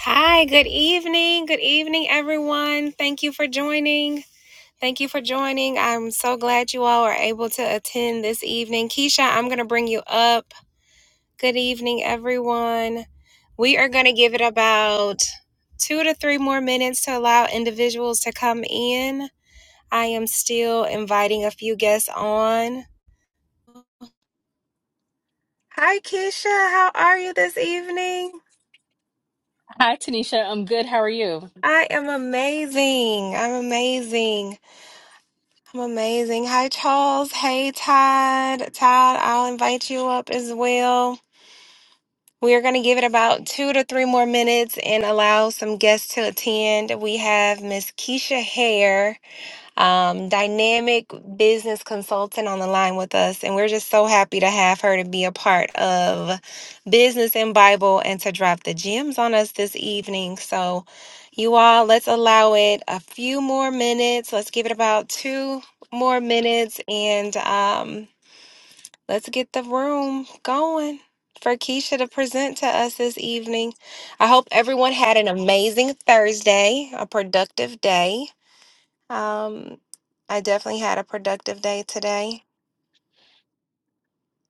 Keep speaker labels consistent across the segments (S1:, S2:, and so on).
S1: Hi, good evening. Good evening, everyone. Thank you for joining. Thank you for joining. I'm so glad you all are able to attend this evening. Keisha, I'm going to bring you up. Good evening, everyone. We are going to give it about two to three more minutes to allow individuals to come in. I am still inviting a few guests on. Hi, Keisha. How are you this evening?
S2: Hi, Tanisha. I'm good. How are you?
S1: I am amazing. I'm amazing. I'm amazing. Hi, Charles. Hey, Todd. Todd, I'll invite you up as well. We are going to give it about two to three more minutes and allow some guests to attend. We have Miss Keisha Hare um, dynamic business consultant on the line with us. And we're just so happy to have her to be a part of Business and Bible and to drop the gems on us this evening. So, you all, let's allow it a few more minutes. Let's give it about two more minutes and um, let's get the room going. For Keisha to present to us this evening. I hope everyone had an amazing Thursday, a productive day. Um, I definitely had a productive day today,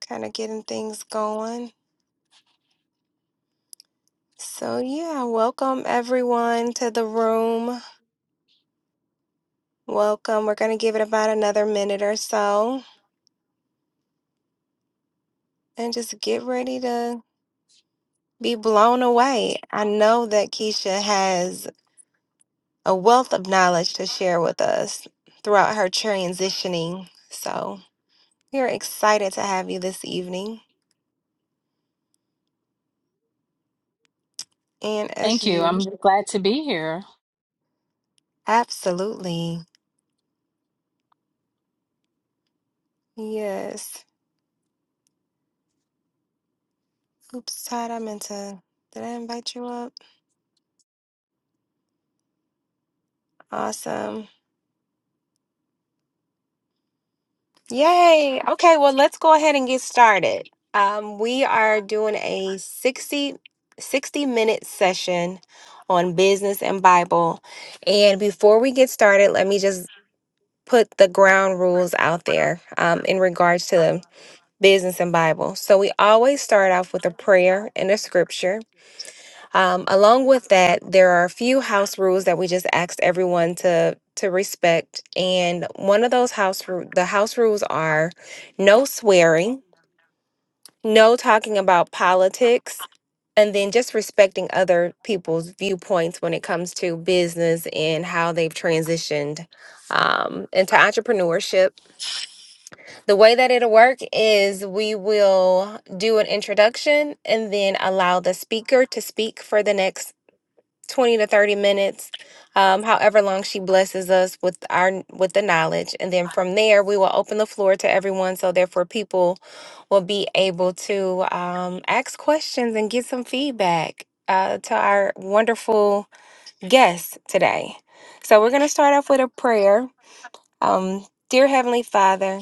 S1: kind of getting things going. So, yeah, welcome everyone to the room. Welcome. We're going to give it about another minute or so and just get ready to be blown away. I know that Keisha has a wealth of knowledge to share with us throughout her transitioning. So, we're excited to have you this evening. And as
S2: Thank you. I'm
S1: usual,
S2: glad to be here.
S1: absolutely. Yes. Oops, Todd, I meant to. Did I invite you up? Awesome. Yay. Okay, well, let's go ahead and get started. Um, we are doing a 60, 60 minute session on business and Bible. And before we get started, let me just put the ground rules out there um, in regards to business and Bible. So we always start off with a prayer and a scripture. Um, along with that, there are a few house rules that we just asked everyone to to respect, and one of those house ru- the house rules are no swearing, no talking about politics, and then just respecting other people's viewpoints when it comes to business and how they've transitioned um, into entrepreneurship. The way that it'll work is we will do an introduction and then allow the speaker to speak for the next 20 to 30 minutes um, however long she blesses us with our with the knowledge and then from there we will open the floor to everyone so therefore people will be able to um, ask questions and get some feedback uh, to our wonderful guests today so we're going to start off with a prayer um, dear heavenly father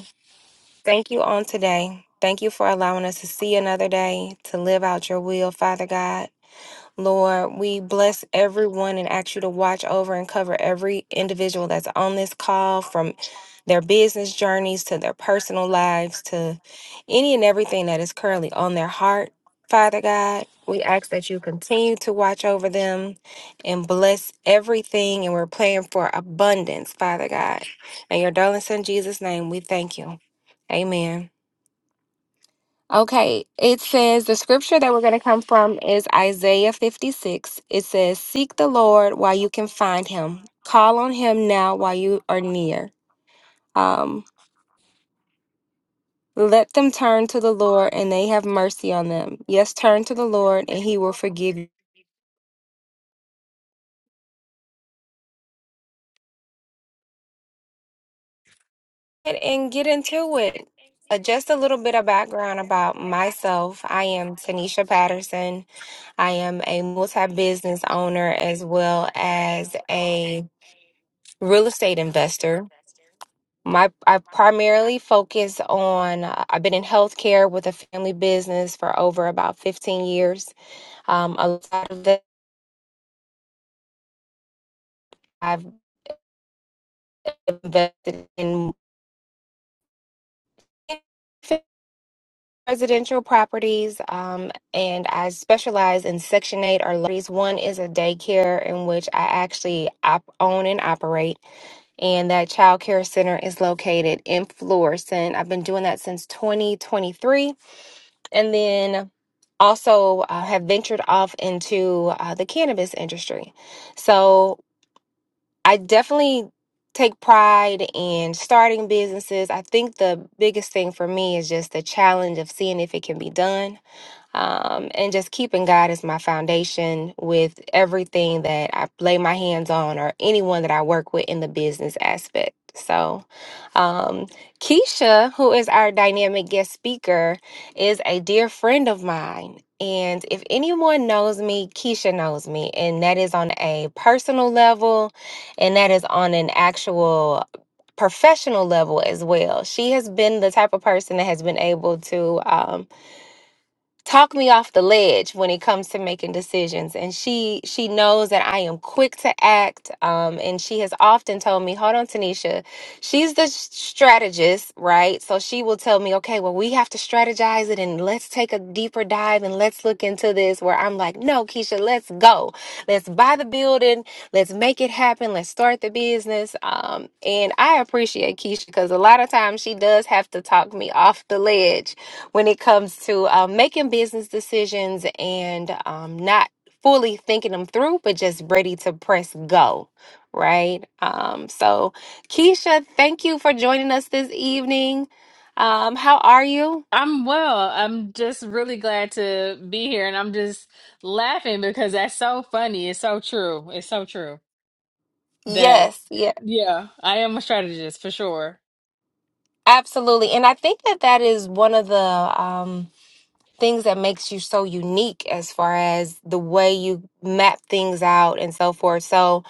S1: thank you on today Thank you for allowing us to see another day, to live out your will, Father God. Lord, we bless everyone and ask you to watch over and cover every individual that's on this call from their business journeys to their personal lives to any and everything that is currently on their heart. Father God, we ask that you continue to watch over them and bless everything. And we're praying for abundance, Father God. In your darling son Jesus' name, we thank you. Amen. Okay, it says the scripture that we're going to come from is Isaiah 56. It says, Seek the Lord while you can find him, call on him now while you are near. Um, let them turn to the Lord and they have mercy on them. Yes, turn to the Lord and he will forgive you. And and get into it. Uh, just a little bit of background about myself. I am Tanisha Patterson. I am a multi business owner as well as a real estate investor. My I primarily focus on uh, I've been in healthcare with a family business for over about 15 years. Um, a lot of that I've invested in residential properties um, and I specialize in Section 8 or lotteries. One is a daycare in which I actually op- own and operate and that child care center is located in Florissant. I've been doing that since 2023 and then also uh, have ventured off into uh, the cannabis industry. So I definitely take pride in starting businesses. I think the biggest thing for me is just the challenge of seeing if it can be done um, and just keeping God as my foundation with everything that I lay my hands on or anyone that I work with in the business aspect. So, um, Keisha, who is our dynamic guest speaker, is a dear friend of mine. And if anyone knows me, Keisha knows me. And that is on a personal level, and that is on an actual professional level as well. She has been the type of person that has been able to. um, talk me off the ledge when it comes to making decisions and she she knows that i am quick to act um, and she has often told me hold on tanisha she's the s- strategist right so she will tell me okay well we have to strategize it and let's take a deeper dive and let's look into this where i'm like no keisha let's go let's buy the building let's make it happen let's start the business um, and i appreciate keisha because a lot of times she does have to talk me off the ledge when it comes to um, making business decisions and um, not fully thinking them through, but just ready to press go. Right. Um, so, Keisha, thank you for joining us this evening. Um, how are you?
S2: I'm well. I'm just really glad to be here. And I'm just laughing because that's so funny. It's so true. It's so true that,
S1: Yes. Yeah.
S2: yeah, I am a strategist for sure.
S1: Absolutely. And I think that that is one of the. Um, things that makes you so unique as far as the way you map things out and so forth. So,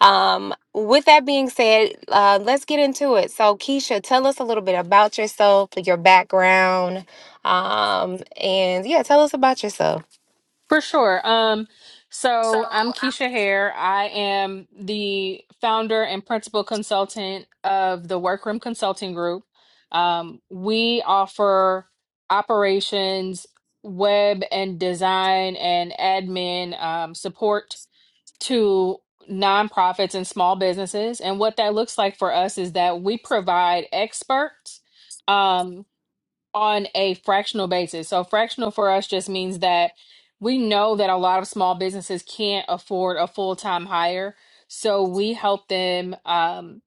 S1: um, with that being said, uh, let's get into it. So, Keisha, tell us a little bit about yourself, your background, um, and yeah, tell us about yourself.
S2: For sure. Um,
S1: So
S2: so I'm Keisha
S1: I'm
S2: Hare. I am the founder and principal consultant of the Workroom Consulting Group. Um, we offer operations, web and design, and admin um, support to nonprofits and small businesses. And what that looks like for us is that we provide experts. um on a fractional basis. So fractional for us just means that we know that a lot of small businesses can't afford a full-time hire. So we help them um,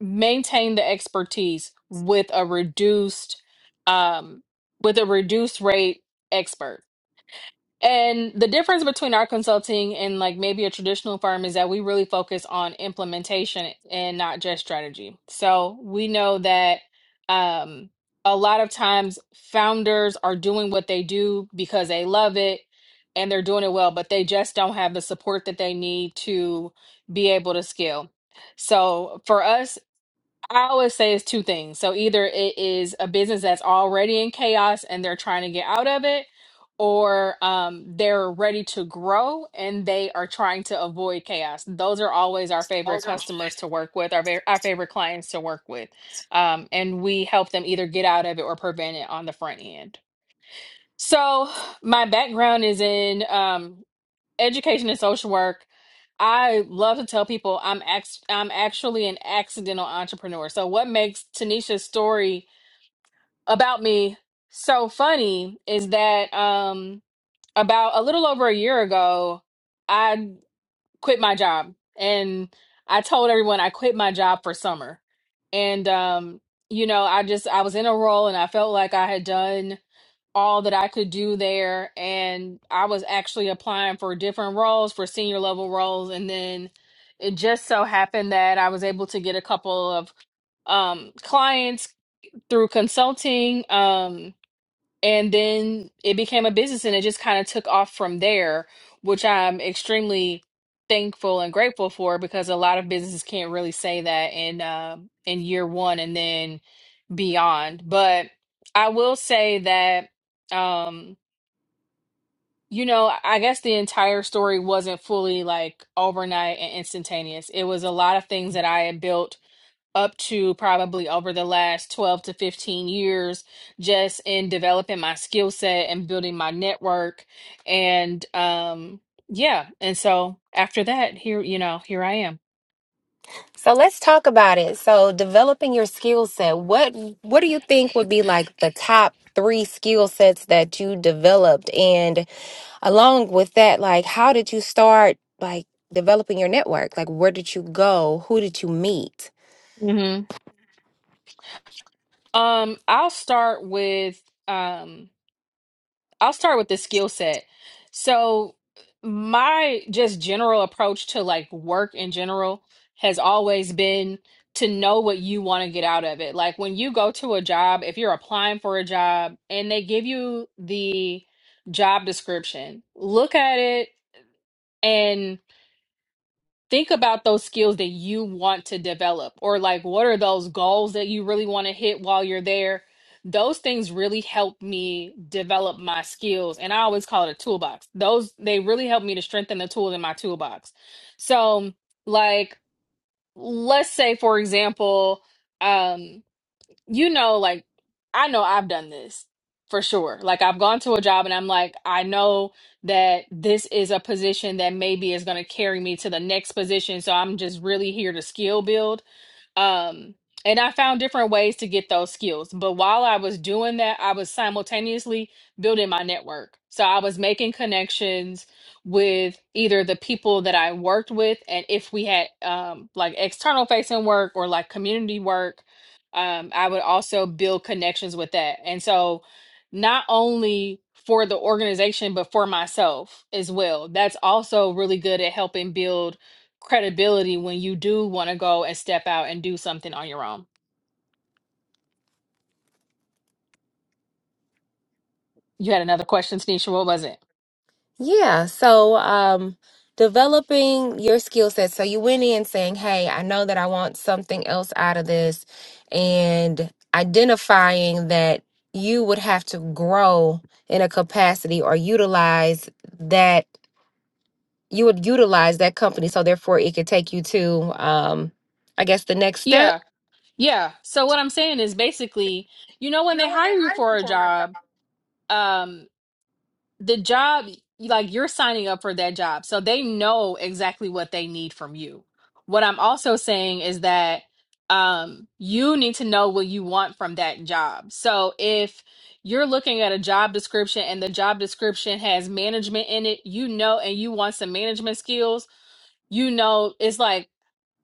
S2: maintain the expertise with a reduced um, with a reduced rate expert. And the difference between our consulting and like maybe a traditional firm is that we really focus on implementation and not just strategy. So we know that um, a lot of times founders are doing what they do because they love it and they're doing it well, but they just don't have the support that they need to be able to scale. So for us, I always say it's two things. So either it is a business that's already in chaos and they're trying to get out of it, or um, they're ready to grow and they are trying to avoid chaos. Those are always our favorite customers to work with, our, va- our favorite clients to work with. Um, and we help them either get out of it or prevent it on the front end. So my background is in um, education and social work. I love to tell people I'm act- I'm actually an accidental entrepreneur. So what makes Tanisha's story about me so funny is that um about a little over a year ago, I quit my job and I told everyone I quit my job for summer. And um you know, I just I was in a role and I felt like I had done all that I could do there. And I was actually applying for different roles, for senior level roles. And then it just so happened that I was able to get a couple of um, clients through consulting. Um, and then it became a business and it just kind of took off from there, which I'm extremely thankful and grateful for because a lot of businesses can't really say that in uh, in year one and then beyond. But I will say that um you know, I guess the entire story wasn't fully like overnight and instantaneous. It was a lot of things that I had built up to probably over the last 12 to 15 years, just in developing my skill set and building my network. And um yeah, and so after that, here, you know, here I am.
S1: So let's talk about it. So developing your skill set. What what do you think would be like the top three skill sets that you developed? And along with that like how did you start like developing your network like where did you go who did you meet
S2: hmm Um, I'll start with um I'll start with the skill set. So my just general approach to like work in general has always been to know what you want to get out of it. Like when you go to a job, if you're applying for a job and they give you the job description, look at it and think about those skills that you want to develop or like what are those goals that you really want to hit while you're there those things really help me develop my skills and i always call it a toolbox those they really help me to strengthen the tools in my toolbox so like let's say for example um you know, like I know I've done this for sure. Like I've gone to a job and I'm like, I know that this is a position that maybe is going to carry me to the next position. So I'm just really here to skill build. Um, and I found different ways to get those skills. But while I was doing that, I was simultaneously building my network. So I was making connections with either the people that I worked with, and if we had um, like external facing work or like community work, um, I would also build connections with that. And so not only for the organization, but for myself as well. That's also really good at helping build credibility when you do want to go and step out and do something on your own. You had another question, Tanisha. What was it?
S1: Yeah, so um, developing your skill set. So you went in saying, "Hey, I know that I want something else out of this," and identifying that you would have to grow in a capacity or utilize that you would utilize that company, so therefore it could take you to, um, I guess, the next step.
S2: Yeah, yeah. So what I'm saying is basically, you know, when they hire you for a job, um, the job like you're signing up for that job so they know exactly what they need from you what i'm also saying is that um you need to know what you want from that job so if you're looking at a job description and the job description has management in it you know and you want some management skills you know it's like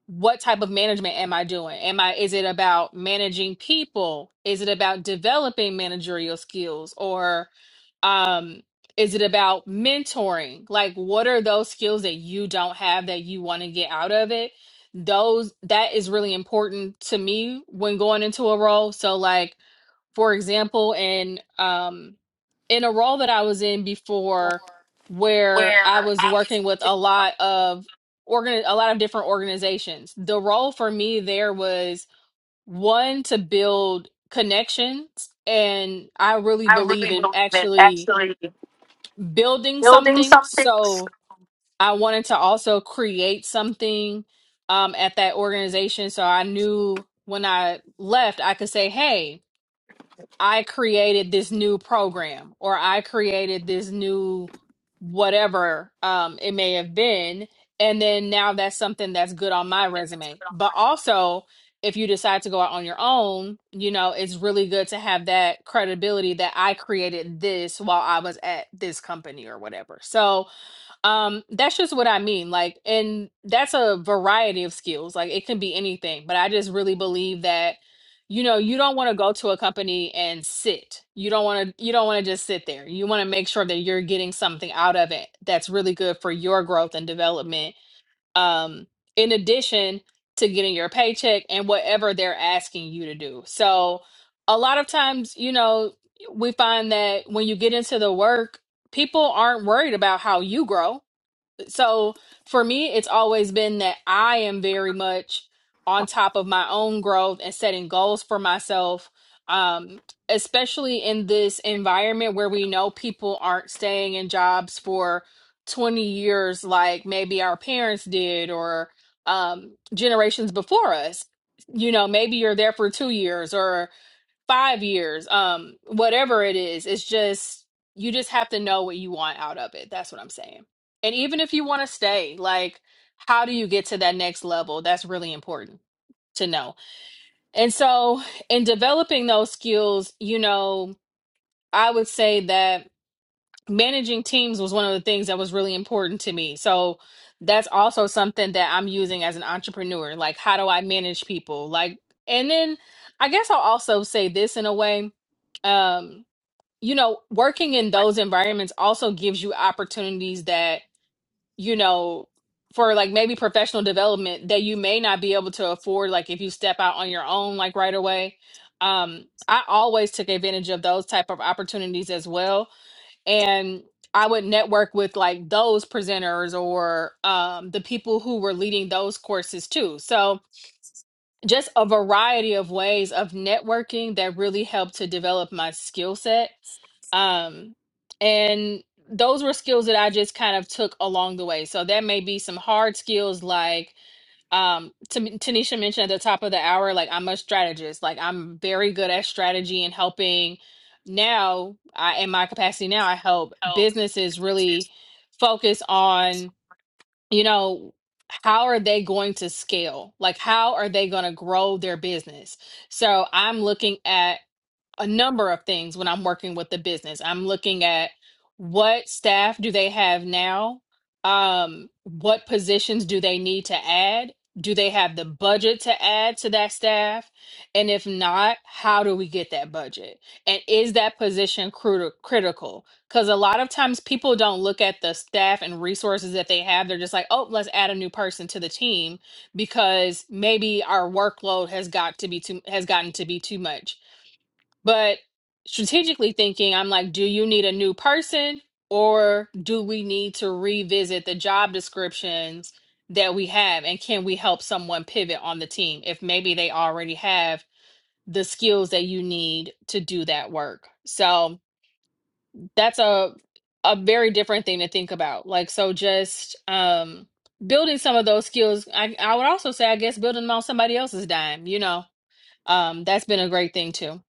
S2: what type of management am I doing? Am I is it about managing people? Is it about developing managerial skills or um is it about mentoring? Like what are those skills that you don't have that you want to get out of it? Those that is really important to me when going into a role. So like for example, in um in a role that I was in before where I was working with a lot of organ a lot of different organizations. The role for me there was one to build connections and I really believe in actually building something. So I wanted to also create something um at that organization so I knew when I left I could say, "Hey, I created this new program or I created this new whatever um, it may have been. And then now that's something that's good on my resume. But also, if you decide to go out on your own, you know, it's really good to have that credibility that I created this while I was at this company or whatever. So, um, that's just what I mean. Like, and that's a variety of skills. Like, it can be anything, but I just really believe that, you know, you don't want to go to a company and sit. You don't want to, you don't want to just sit there. You want to make sure that you're getting something out of it that's really good for your growth and development. Um, in addition to getting your paycheck and whatever they're asking you to do. So, a lot of times, you know, we find that when you get into the work, people aren't worried about how you grow so for me, it's always been that I am very much on top of my own growth and setting goals for myself, um, especially in this environment where we know people aren't staying in jobs for 20 years like maybe our parents did or um, generations before us. You know, maybe you're there for two years or five years, um, whatever it is, it's just you just have to know what you want out of it. That's what I'm saying. And even if you want to stay, like, how do you get to that next level? That's really important to know. And so, in developing those skills, you know, I would say that managing teams was one of the things that was really important to me. So that's also something that I'm using as an entrepreneur. Like, how do I manage people? Like, and then I guess I'll also say this in a way. Um, you know, working in those environments also gives you opportunities that, you know, for like maybe professional development that you may not be able to afford, like if you step out on your own, like right away. Um, I always took advantage of those type of opportunities as well and I would network with like those presenters or um, the people who were leading those courses too. So just a variety of ways of networking that really helped to develop my skill set. Um, and those were skills that I just kind of took along the way. So that may be some hard skills like um to Tanisha mentioned at the top of the hour like I'm a strategist like I'm very good at strategy and helping now I in my capacity now I help businesses really focus on you know how are they going to scale like how are they going to grow their business so I'm looking at a number of things when I'm working with the business. I'm looking at what staff do they have now? Um, what positions do they need to add? Do they have the budget to add to that staff? And if not, how do we get that budget? And is that position cruti- critical? Because a lot of times people don't look at the staff and resources that they have. They're just like, oh, let's add a new person to the team because maybe our workload has got to be too has gotten to be too much but strategically thinking, I'm like, do you need a new person or do we need to revisit the job descriptions that we have? And can we help someone pivot on the team if maybe they already have the skills that you need to do that work? So that's a a very different thing to think about. Like so just um building some of those skills. I I would also say I guess building them on somebody else's dime, you know. Um that's been a great thing too.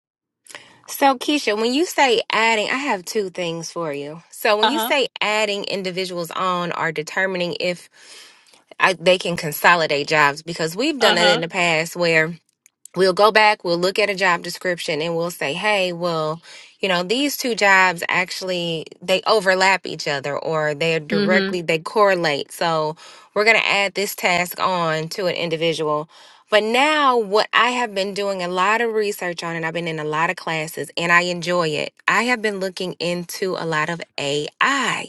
S1: So, Keisha, when you say adding, I have two things for you. So, when you
S2: Uh-huh.
S1: say adding individuals on or determining if I, they can consolidate jobs, because we've done that in
S2: Uh-huh.
S1: the past where we'll go back, we'll look at a job description and we'll say, hey, well, you know, these two jobs actually they overlap each other or they're
S2: Mhm.
S1: directly they correlate. So we're gonna add this task on to an individual. But now what I have been doing a lot of research on and I've been in a lot of classes and I enjoy it. I have been looking into a lot of AI.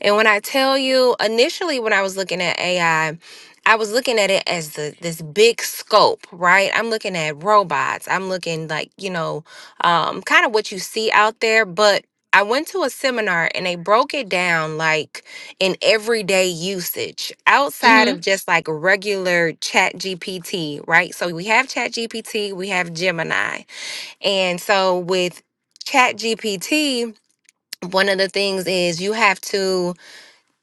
S1: And when I tell you, initially when I was looking at AI, I I was looking at it as the this big scope, right? I'm looking at robots. I'm looking like, you know, um, kind of what you see out there, but I went to a seminar and they broke it down like in everyday usage outside
S2: hmm
S1: of just like regular chat GPT, right? So we have chat GPT, we have Gemini. And so with chat GPT, one of the things is you have to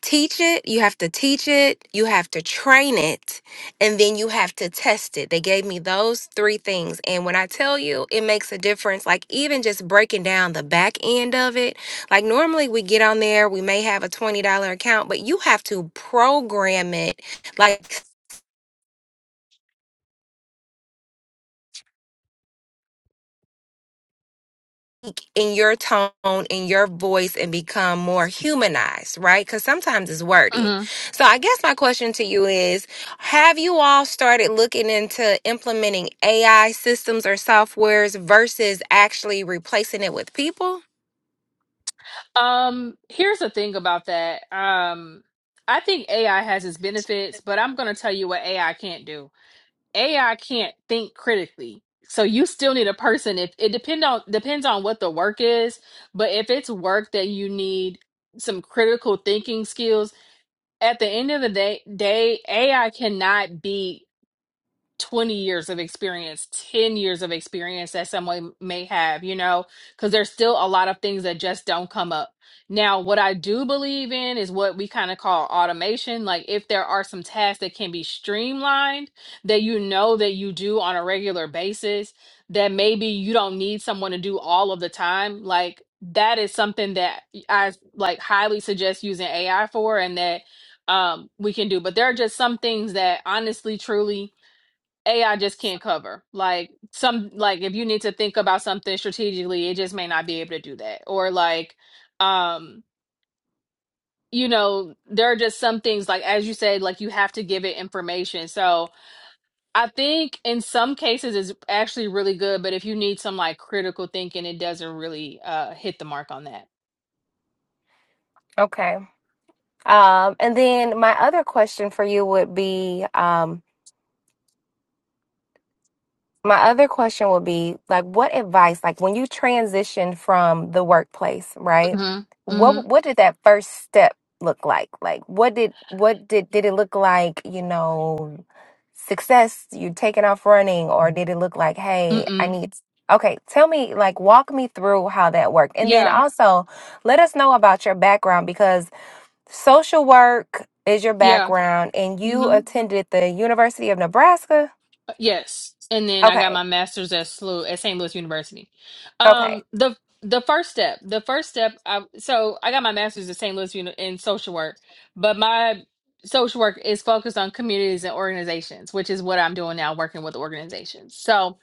S1: teach it, you have to teach it, you have to train it, and then you have to test it. They gave me those three things. And when I tell you, it makes a difference, like even just breaking down the back end of it. Like normally we get on there, we may have a $20 account, but you have to program it like in your tone, in your voice, and become more humanized, right? Because sometimes it's wordy.
S2: hmm
S1: So I guess my question to you is Have you all started looking into implementing AI systems or softwares versus actually replacing it with people?
S2: Um, here's the thing about that. Um, I think AI has its benefits, but I'm gonna tell you what AI can't do. AI can't think critically. So you still need a person if it depend on depends on what the work is, but if it's work that you need some critical thinking skills, at the end of the day, day AI cannot be 20 years of experience, 10 years of experience that someone may have, you know, because there's still a lot of things that just don't come up. Now, what I do believe in is what we kind of call automation. Like, if there are some tasks that can be streamlined that you know that you do on a regular basis, that maybe you don't need someone to do all of the time, like, that is something that I like highly suggest using AI for and that um we can do. But there are just some things that honestly, truly, AI just can't cover. Like some like if you need to think about something strategically, it just may not be able to do that. Or like um you know, there are just some things like as you said like you have to give it information. So, I think in some cases it's actually really good, but if you need some like critical thinking, it doesn't really uh hit the mark on that.
S1: Okay. Um, and then my other question for you would be um, My other question would be like what advice like when you transitioned from the workplace, right?
S2: Mhm.
S1: What
S2: Mhm.
S1: what did that first step look like? Like what did what did did it look like, you know, success, you taking off running or did it look like, "Hey, I
S2: Mm-mm.
S1: need Okay, tell me like walk me through how that worked. And then
S2: Yeah.
S1: also let us know about your background because social work is your
S2: Yeah.
S1: background and you
S2: Mhm.
S1: attended the University of Nebraska.
S2: Yes. And then I got
S1: Okay.
S2: my master's at SLU at St. Louis University.
S1: Okay.
S2: Um, the the first step, the first step, I so I got my master's at St. Louis Uni- in social work, but my social work is focused on communities and organizations, which is what I'm doing now, working with organizations. So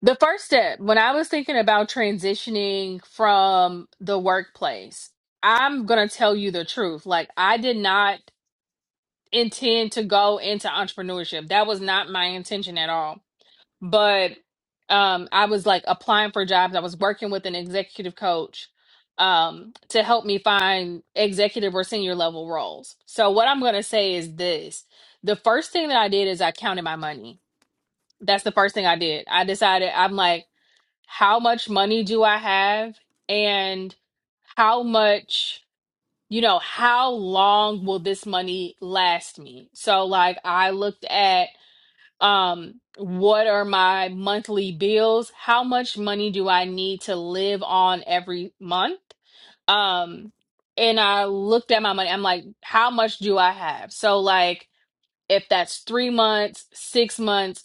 S2: the first step, when I was thinking about transitioning from the workplace, I'm gonna tell you the truth. Like I did not intend to go into entrepreneurship. That was not my intention at all but um I was like applying for jobs. I was working with an executive coach um to help me find executive or senior level roles. So what I'm going to say is this. The first thing that I did is I counted my money. That's the first thing I did. I decided I'm like how much money do I have and how much you know how long will this money last me so like i looked at um what are my monthly bills how much money do i need to live on every month um and i looked at my money i'm like how much do i have so like if that's 3 months 6 months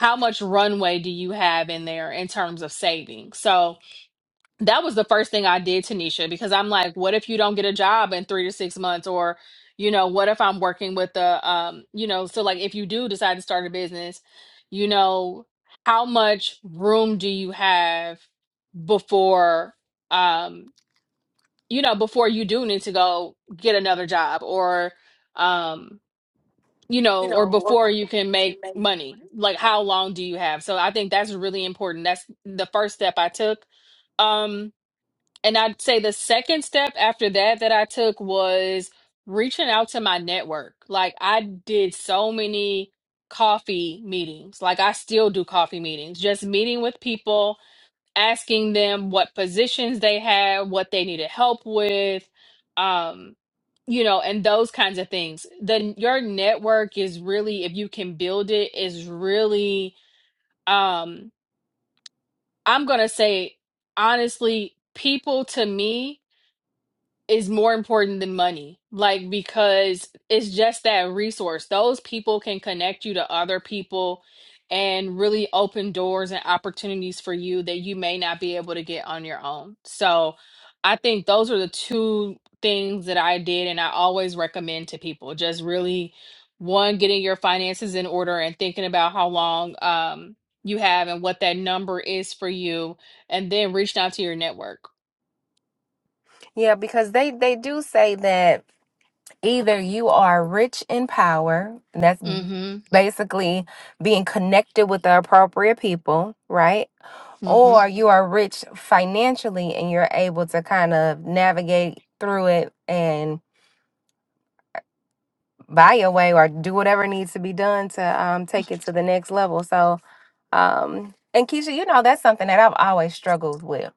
S2: how much runway do you have in there in terms of saving so that was the first thing I did, Tanisha, because I'm like, what if you don't get a job in three to six months? Or, you know, what if I'm working with a, um, you know, so like if you do decide to start a business, you know, how much room do you have before, um, you know, before you do need to go get another job or, um, you know, or before you can make money? Like, how long do you have? So I think that's really important. That's the first step I took. Um. And I'd say the second step after that that I took was reaching out to my network. Like I did so many coffee meetings. Like I still do coffee meetings, just meeting with people, asking them what positions they had, what they needed help with, um, you know, and those kinds of things. Then your network is really, if you can build it, is really, um, I'm gonna say honestly, people to me is more important than money. Like, because it's just that resource. Those people can connect you to other people and really open doors and opportunities for you that you may not be able to get on your own. So, I think those are the two things that I did and I always recommend to people. Just really one getting your finances in order and thinking about how long um you have and what that number is for you and then reaching out to your network.
S1: Yeah, because they they do say that either you are rich in power, and that's
S2: Mhm.
S1: basically being connected with the appropriate people, right?
S2: Mhm.
S1: Or you are rich financially and you're able to kind of navigate through it and buy your way or do whatever needs to be done to um, take it to the next level. So, um, and Keisha, you know, that's something that I've always struggled with.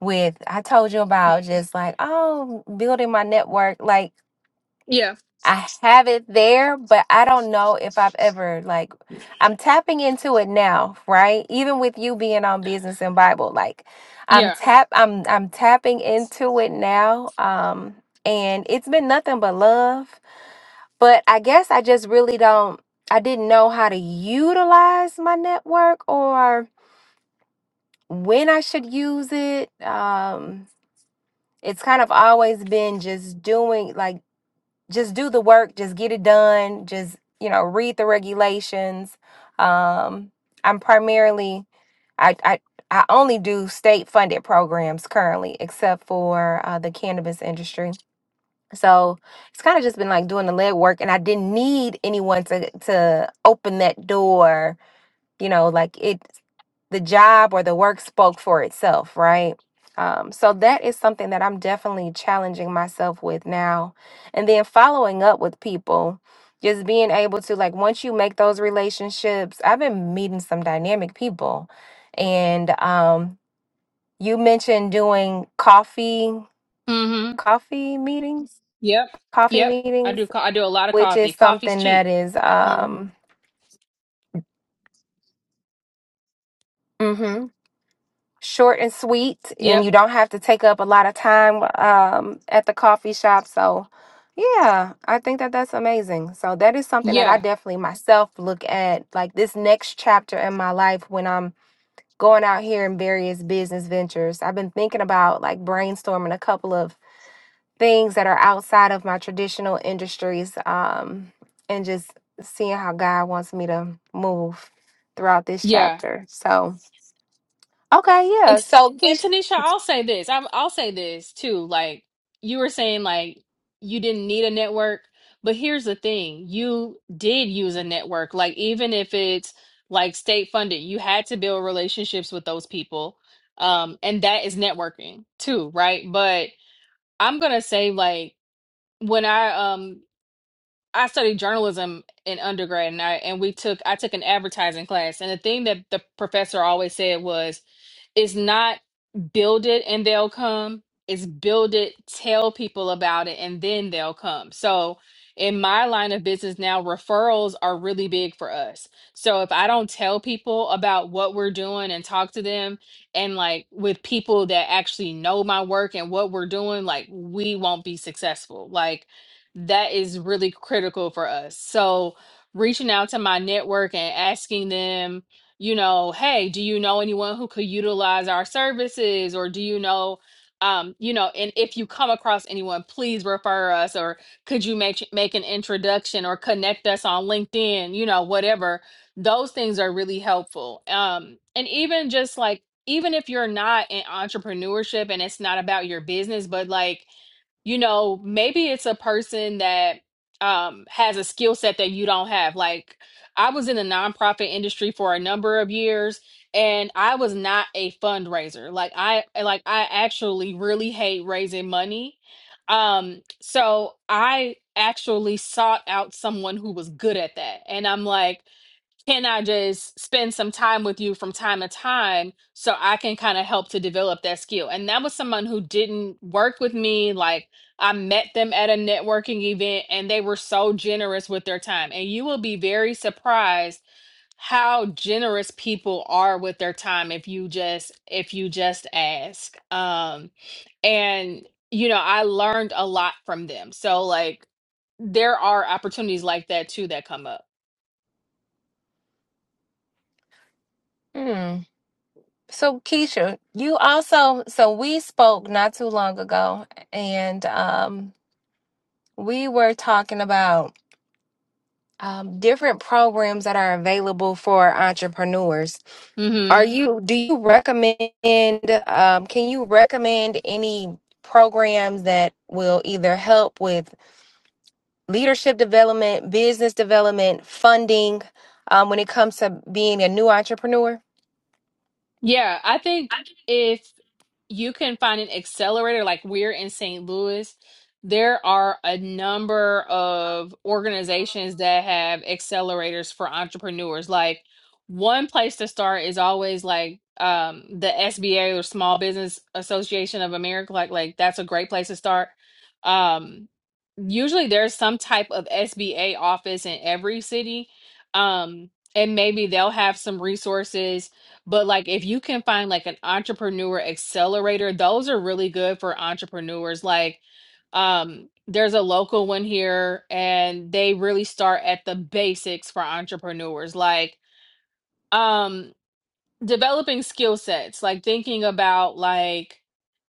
S1: With I told you about just like, oh, building my network. Like
S2: Yeah.
S1: I have it there, but I don't know if I've ever like I'm tapping into it now, right? Even with you being on business and Bible, like I'm
S2: Yeah.
S1: tap I'm I'm tapping into it now. Um and it's been nothing but love, but I guess I just really don't I didn't know how to utilize my network or when I should use it. Um it's kind of always been just doing like just do the work, just get it done, just, you know, read the regulations. Um, I'm primarily I I I only do state funded programs currently, except for uh, the cannabis industry. So it's kind of just been like doing the legwork, and I didn't need anyone to to open that door you know like it the job or the work spoke for itself right um, so that is something that i'm definitely challenging myself with now and then following up with people just being able to like once you make those relationships i've been meeting some dynamic people and um, you mentioned doing coffee
S2: Mm-hmm.
S1: coffee meetings
S2: Yep.
S1: coffee
S2: Yep. I
S1: meetings
S2: do. Co- I do a lot of
S1: which is
S2: coffee. Coffee's
S1: something that
S2: cheap.
S1: is
S2: Mm-hmm.
S1: um, mhm. short and sweet, and
S2: Yep.
S1: you don't have to take up a lot of time um, at the coffee shop. So, yeah, I think that that's amazing. So, that is something that I
S2: Yeah.
S1: definitely myself look at like this next chapter in my life when I'm going out here in various business ventures. I've been thinking about like brainstorming a couple of things that are outside of my traditional industries um, and just seeing how God wants me to move throughout this
S2: Yeah.
S1: chapter. So, okay,
S2: And
S1: yeah. So,
S2: and
S1: Keisha.
S2: Tanisha, I'll say this. I'm, I'll say this too. Like you were saying, like you didn't need a network, but here's the thing: you did use a network. Like even if it's like state funded, you had to build relationships with those people, um, and that is networking too, right? But I'm gonna say like when I um I studied journalism in undergrad, and I and we took I took an advertising class, and the thing that the professor always said was it's not build it and they'll come. It's build it, tell people about it, and then they'll come. So in my line of business now, referrals are really big for us. So if I don't tell people about what we're doing and talk to them and like with people that actually know my work and what we're doing, like we won't be successful. Like that is really critical for us. So reaching out to my network and asking them you know, hey, do you know anyone who could utilize our services? Or do you know, um, you know, and if you come across anyone, please refer us or could you make make an introduction or connect us on LinkedIn, you know, whatever. Those things are really helpful. Um, and even just like even if you're not in entrepreneurship and it's not about your business, but like you know, maybe it's a person that um, has a skill set that you don't have. Like, I was in the nonprofit industry for a number of years, and I was not a fundraiser. Like, I like I actually really hate raising money. Um, so I actually sought out someone who was good at that, and I'm like can I just spend some time with you from time to time so I can kind of help to develop that skill? And that was someone who didn't work with me. Like I met them at a networking event and they were so generous with their time. And you will be very surprised how generous people are with their time if you just if you just ask. Um and you know, I learned a lot from them. So like there are opportunities like that too that come up.
S1: Hmm. So Keisha, you also so we spoke not too long ago, and um, we were talking about um, different programs that are available for entrepreneurs.
S2: Hmm.
S1: Are you? Do you recommend? Um, can you recommend any programs that will either help with leadership development, business development, funding, um, when it comes to being a new entrepreneur?
S2: Yeah, I think if you can find an accelerator like we're in St. Louis, there are a number of organizations that have accelerators for entrepreneurs. Like one place to start is always like um the SBA or Small Business Association of America. Like like that's a great place to start. Um usually there's some type of SBA office in every city. Um and maybe they'll have some resources but like if you can find like an entrepreneur accelerator, those are really good for entrepreneurs. Like um there's a local one here and they really start at the basics for entrepreneurs. Like um developing skill sets, like thinking about like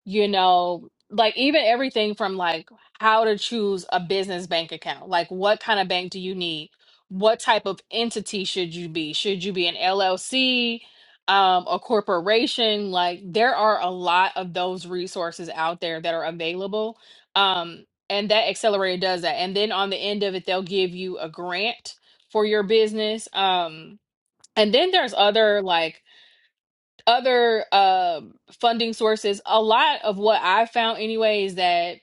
S2: you know, like even everything from like how to choose a business bank account, like what kind of bank do you need? What type of entity should you be? Should you be an LLC, um, a corporation? Like there are a lot of those resources out there that are available. Um, and that accelerator does that. And then on the end of it, they'll give you a grant for your business. Um, and then there's other like other um funding sources, a lot of what I found anyway is that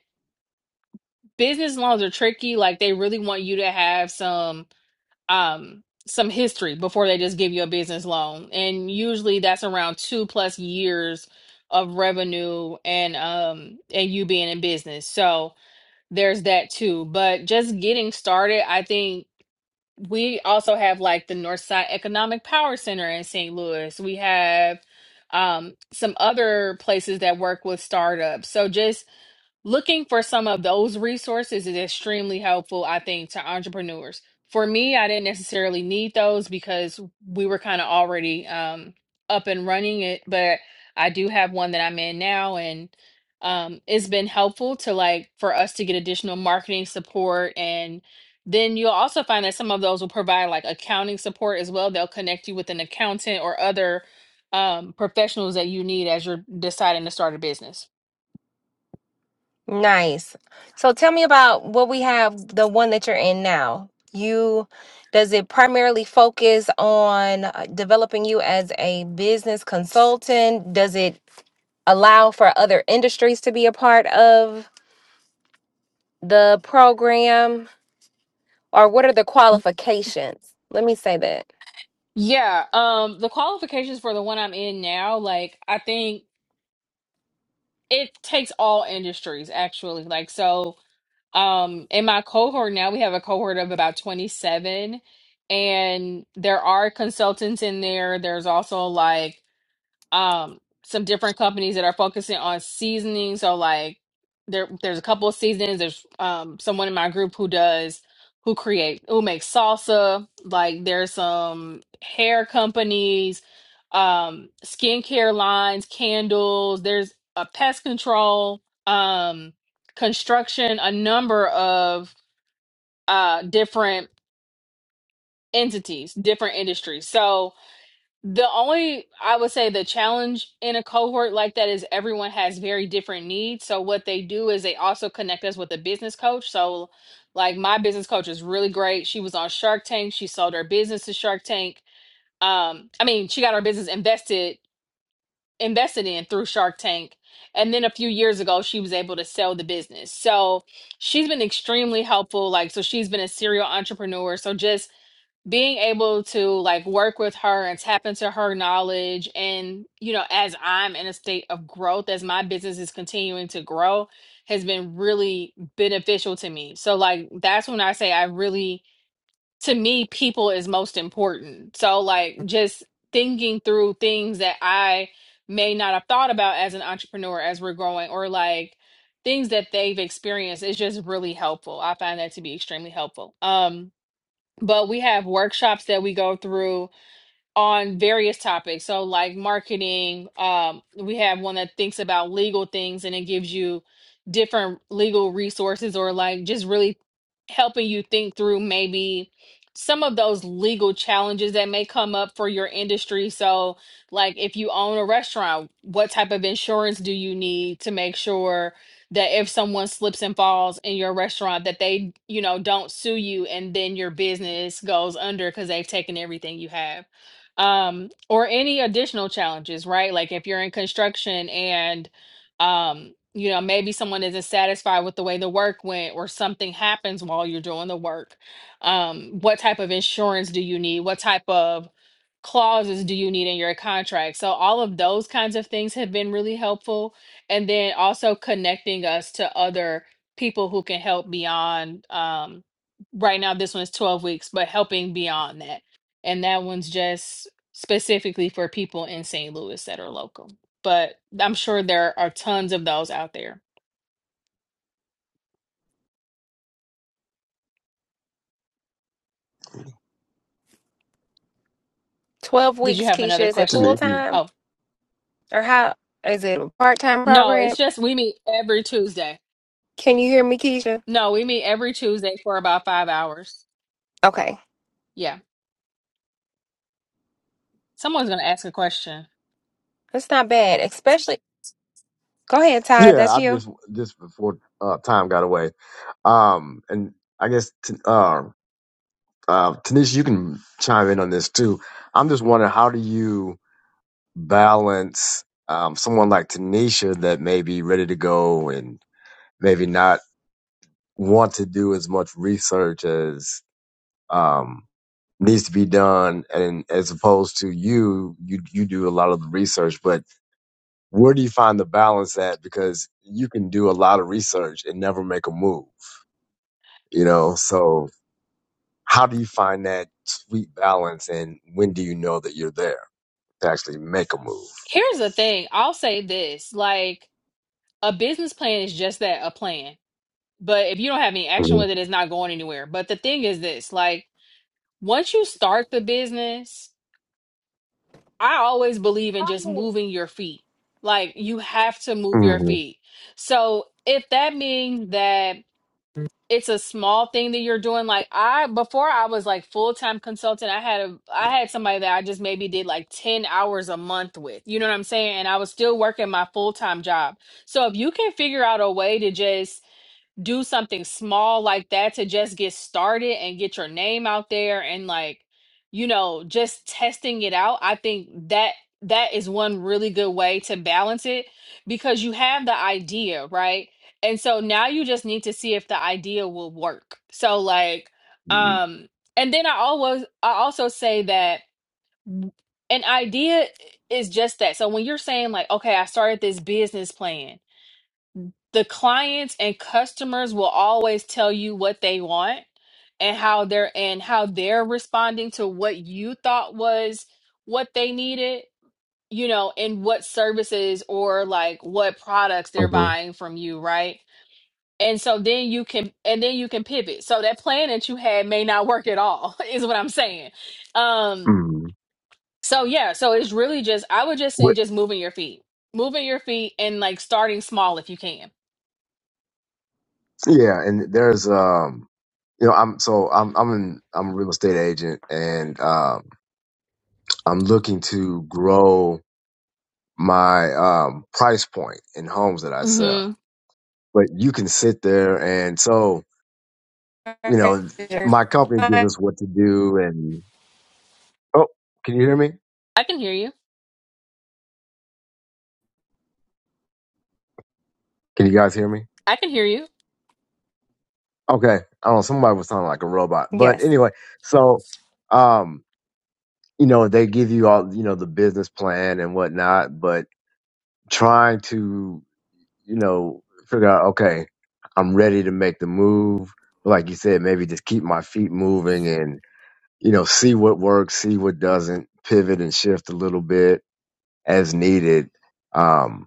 S2: business loans are tricky. Like they really want you to have some um some history before they just give you a business loan. And usually that's around two plus years of revenue and um and you being in business. So there's that too. But just getting started, I think we also have like the Northside Economic Power Center in St. Louis. We have um, some other places that work with startups. So just looking for some of those resources is extremely helpful, I think, to entrepreneurs. For me, I didn't necessarily need those because we were kind of already um, up and running it, but I do have one that I'm in now and um, it's been helpful to like for us to get additional marketing support and then you'll also find that some of those will provide like accounting support as well. They'll connect you with an accountant or other um, professionals that you need as you're deciding to start a business.
S1: Nice. So tell me about what we have, the one that you're in now. You, does it primarily focus on uh, developing you as a business consultant? Does it allow for other industries to be a part of the program? Or what are the qualifications? Let me say that.
S2: Yeah, um, the qualifications for the one I'm in now, like I think it takes all industries actually. Like so, um, in my cohort now, we have a cohort of about 27, and there are consultants in there. There's also like um some different companies that are focusing on seasoning. So like there there's a couple of seasonings. There's um someone in my group who does who create who makes salsa. Like there's some hair companies, um skincare lines, candles, there's a pest control, um construction, a number of uh different entities, different industries. So the only, I would say, the challenge in a cohort like that is everyone has very different needs. So, what they do is they also connect us with a business coach. So, like, my business coach is really great. She was on Shark Tank. She sold her business to Shark Tank. Um, I mean, she got her business invested invested in through Shark Tank. And then a few years ago, she was able to sell the business. So, she's been extremely helpful. Like, so she's been a serial entrepreneur. So, just being able to like work with her and tap into her knowledge and you know as i'm in a state of growth as my business is continuing to grow has been really beneficial to me so like that's when i say i really to me people is most important so like just thinking through things that i may not have thought about as an entrepreneur as we're growing or like things that they've experienced is just really helpful i find that to be extremely helpful um but we have workshops that we go through on various topics. So like marketing, um, we have one that thinks about legal things and it gives you different legal resources or like just really helping you think through maybe some of those legal challenges that may come up for your industry. So like if you own a restaurant, what type of insurance do you need to make sure that if someone slips and falls in your restaurant that they, you know, don't sue you and then your business goes under because they've taken everything you have um or any additional challenges right like if you're in construction and um you know maybe someone isn't satisfied with the way the work went or something happens while you're doing the work um what type of insurance do you need what type of clauses do you need in your contract? So all of those kinds of things have been really helpful. And then also connecting us to other people who can help beyond um right now this one's 12 weeks, but helping beyond that. And that one's just specifically for people in St. Louis that are local. But I'm sure there are tons of those out there.
S1: 12
S2: Did you
S1: weeks,
S2: have
S1: Keisha,
S2: another
S1: is it
S2: question?
S1: full
S3: Tanika.
S1: time?
S2: Oh,
S1: Or how is it a part time
S2: No,
S1: program?
S2: it's just we meet every Tuesday.
S1: Can you hear me, Keisha?
S2: No, we meet every Tuesday for about five hours.
S1: Okay.
S2: Yeah. Someone's going to ask a question.
S1: That's not bad, especially. Go ahead, Todd.
S3: Yeah,
S1: That's
S3: I
S1: you.
S3: just just before uh, time got away. Um, and I guess t- uh, uh, Tanisha, you can chime in on this too. I'm just wondering how do you balance um, someone like Tanisha that may be ready to go and maybe not want to do as much research as um, needs to be done, and as opposed to you, you you do a lot of the research, but where do you find the balance at? Because you can do a lot of research and never make a move, you know? So how do you find that sweet balance and when do you know that you're there to actually make a move?
S2: Here's the thing I'll say this like, a business plan is just that a plan. But if you don't have any action with it, it's not going anywhere. But the thing is this like, once you start the business, I always believe in just moving your feet. Like, you have to move your
S3: Mm-hmm.
S2: feet. So if that means that it's a small thing that you're doing like i before i was like full-time consultant i had a i had somebody that i just maybe did like 10 hours a month with you know what i'm saying and i was still working my full-time job so if you can figure out a way to just do something small like that to just get started and get your name out there and like you know just testing it out i think that that is one really good way to balance it because you have the idea right and so now you just need to see if the idea will work so like um and then i always i also say that an idea is just that so when you're saying like okay i started this business plan the clients and customers will always tell you what they want and how they're and how they're responding to what you thought was what they needed you know and what services or like what products they're
S3: hmm
S2: buying from you right and so then you can and then you can pivot so that plan that you had may not work at all is what i'm saying um
S3: hmm
S2: so yeah so it's really just i would just say
S3: But
S2: just moving your feet moving your feet and like starting small if you can
S3: yeah, and there's, um, you know, I'm, so I'm, I'm in, I'm a real estate agent and, um, I'm looking to grow my, um, price point in homes that I sell,
S2: hmm
S3: but you can sit there and so, you know, my company gives us what to do. And oh, can you hear me?
S2: i can hear you
S3: Can you guys hear me?
S2: I can hear you.
S3: Okay, I don't know. Somebody was sounding like a robot, but
S1: Yes.
S3: anyway, so um, you know, they give you all you know the business plan and whatnot, but trying to you know figure out okay, I'm ready to make the move. Like you said, maybe just keep my feet moving and you know see what works, see what doesn't, pivot and shift a little bit as needed. Um,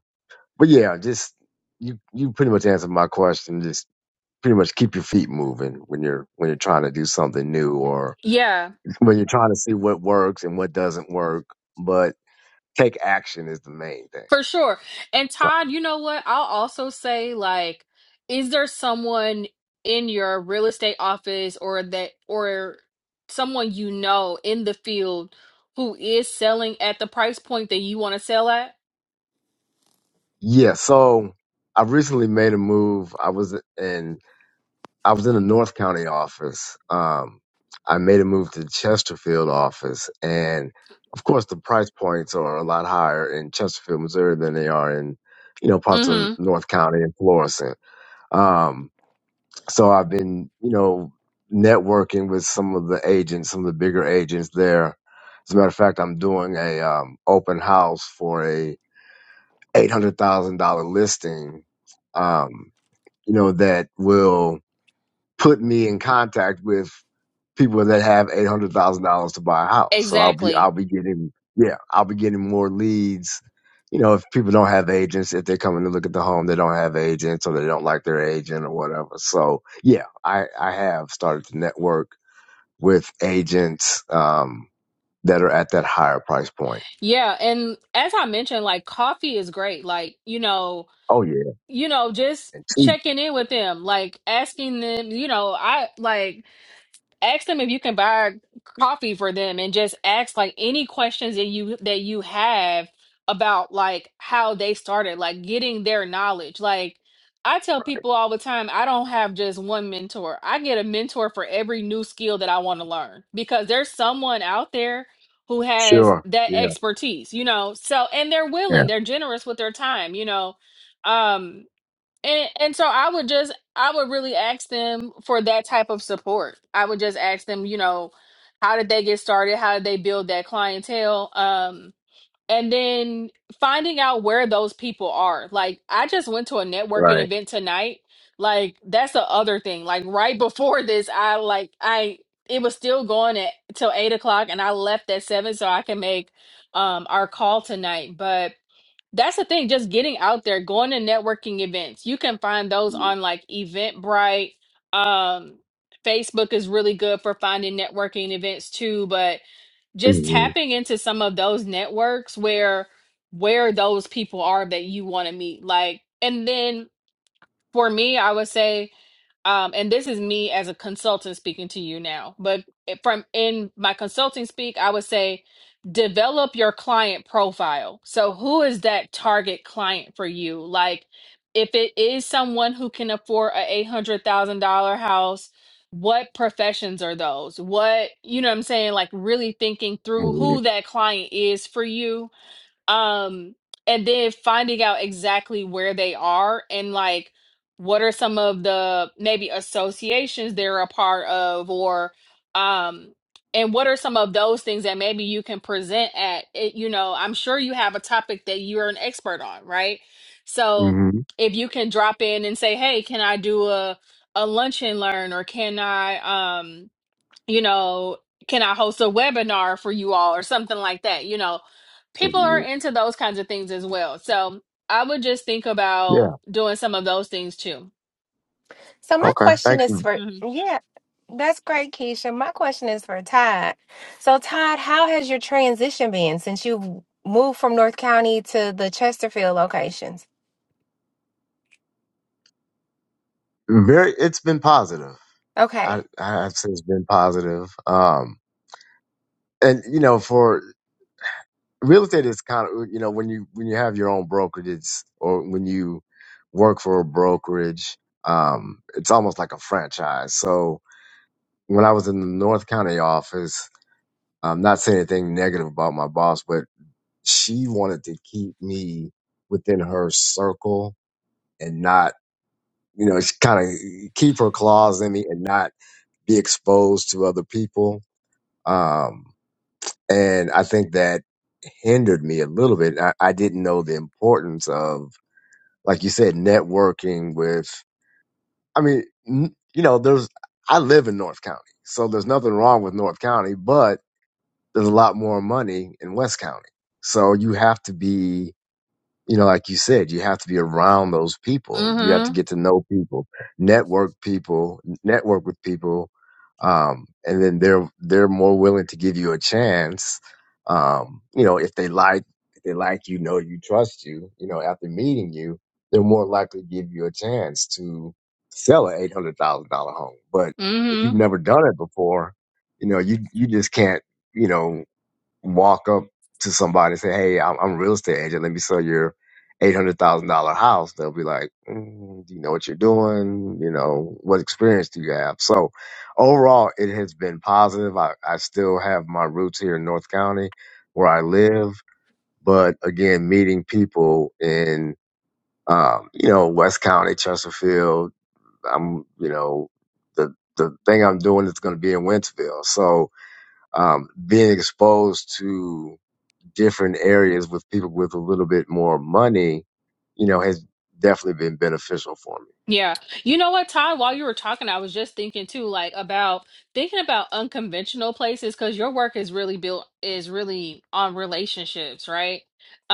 S3: but yeah, just you you pretty much answered my question. Just pretty much keep your feet moving when you're when you're trying to do something new or
S2: Yeah,
S3: when you're trying to see what works and what doesn't work. But take action is the main thing.
S2: for sure. And
S3: So,
S2: Todd, you know what? I'll also say like is there someone in your real estate office or that or someone you know in the field who is selling at the price point that you want to sell at?
S3: yeah. So I recently made a move. I was in I was in the North County office. Um, I made a move to the Chesterfield office, and of course the price points are a lot higher in Chesterfield, Missouri, than they are in you know parts of
S2: Mhm.
S3: North County and Florissant. Um, so I've been, you know, networking with some of the agents, some of the bigger agents there. As a matter of fact, I'm doing a um, open house for a eight hundred thousand dollar listing. Um, you know, that will put me in contact with people that have eight hundred thousand dollars to buy a house. So I'll be I'll
S2: Exactly.
S3: be getting yeah I'll be getting more leads. You know, if people don't have agents, if they're coming to look at the home, they don't have agents or they don't like their agent or whatever. So yeah, I I have started to network with agents um that are at that higher price point.
S2: Yeah, and as I mentioned like coffee is great. Like, you know,
S3: Oh yeah,
S2: you know, just
S3: and cheap.
S2: checking in with them, like asking them, you know, I like ask them if you can buy coffee for them and just ask like any questions that you that you have about like how they started like getting their knowledge like i tell people all the time i don't have just one mentor i get a mentor for every new skill that i want to learn because there's someone out there who has
S3: Sure.
S2: that
S3: Yeah.
S2: expertise you know so and they're
S3: Yeah.
S2: willing they're generous with their time you know um and and so I would just I would really ask them for that type of support. I would just ask them, you know, how did they get started? How did they build that clientele? Um and then finding out where those people are. Like I just went to a networking
S3: Right.
S2: event tonight. Like that's the other thing. Like right before this, I like I it was still going at till eight o'clock and I left at seven so I can make um our call tonight. But that's the thing, just getting out there, going to networking events. You can find those
S3: hmm
S2: on like Eventbrite. Um, Facebook is really good for finding networking events too, but just tapping into some of those networks where where those people are that you want to meet. Like, and then for me, I would say um, and this is me as a consultant speaking to you now, but from in my consulting speak, I would say develop your client profile. So, who is that target client for you? Like, if it is someone who can afford a $800,000 house, what professions are those? What, you know what I'm saying? Like, really thinking through
S3: hmm
S2: who that client is for you um and then finding out exactly where they are and like what are some of the maybe associations they're a part of or um and what are some of those things that maybe you can present at it, you know i'm sure you have a topic that you're an expert on right so
S3: hmm
S2: if you can drop in and say hey can i do a a lunch and learn or can i um you know, can I host a webinar for you all or something like that? You know, people are
S3: hmm
S2: into those kinds of things as well. So I would just think
S3: Yeah.
S2: about doing some of those things too.
S1: So my
S3: Okay.
S1: question
S3: Thank
S1: is
S3: you.
S1: for
S2: Mm-hmm.
S1: yeah, that's great, Keisha. My question is for Todd. So Todd, how has your transition been since you've moved from North County to the Chesterfield locations?
S3: Very. It's been positive I,
S1: Okay.
S3: I- I'd say it's been positive. Um, and you know, for real estate, it's kind of you know when you when you have your own brokerage it's- or when you work for a brokerage, um, it's almost like a franchise. So when I was in the North County office, I'm not saying anything negative about my boss, but she wanted to keep me within her circle and not you know kind of keep her claws in me and not be exposed to other people. Um, And I think that hindered me a little bit. I, I didn't know the importance of, like you said, networking with, I mean, n- you know, there's, I live in North County, so there's nothing wrong with North County, but there's a lot more money in West County. So you have to be you know, like you said, you have to be around those people. You have to
S2: Mm-hmm.
S3: get to know people, network people, network with people, um, and then they're they're more willing to give you a chance. Um, you know, if they like if they like you, know you, trust you. You know, after meeting you, they're more likely to give you a chance to sell an eight hundred thousand dollar home. But if
S2: hmm
S3: you've never done it before, you know, you you just can't. You know, walk up to somebody and say, "Hey, I'm, I'm a real estate agent. Let me sell your eight hundred thousand dollar house." They'll be like, mm, "Do you know what you're doing? You know what experience do you have?" So, overall, it has been positive. I, I still have my roots here in North County, where I live, but again, meeting people in um, you know West County, Chesterfield. I'm you know the the thing I'm doing is going to be in Wentzville. so um, being exposed to different areas with people with a little bit more money, you know, has definitely been beneficial for
S2: Yeah. You know what, Todd, while you were talking, I was just thinking too, like about thinking about unconventional places because your work is really built is really on relationships, right?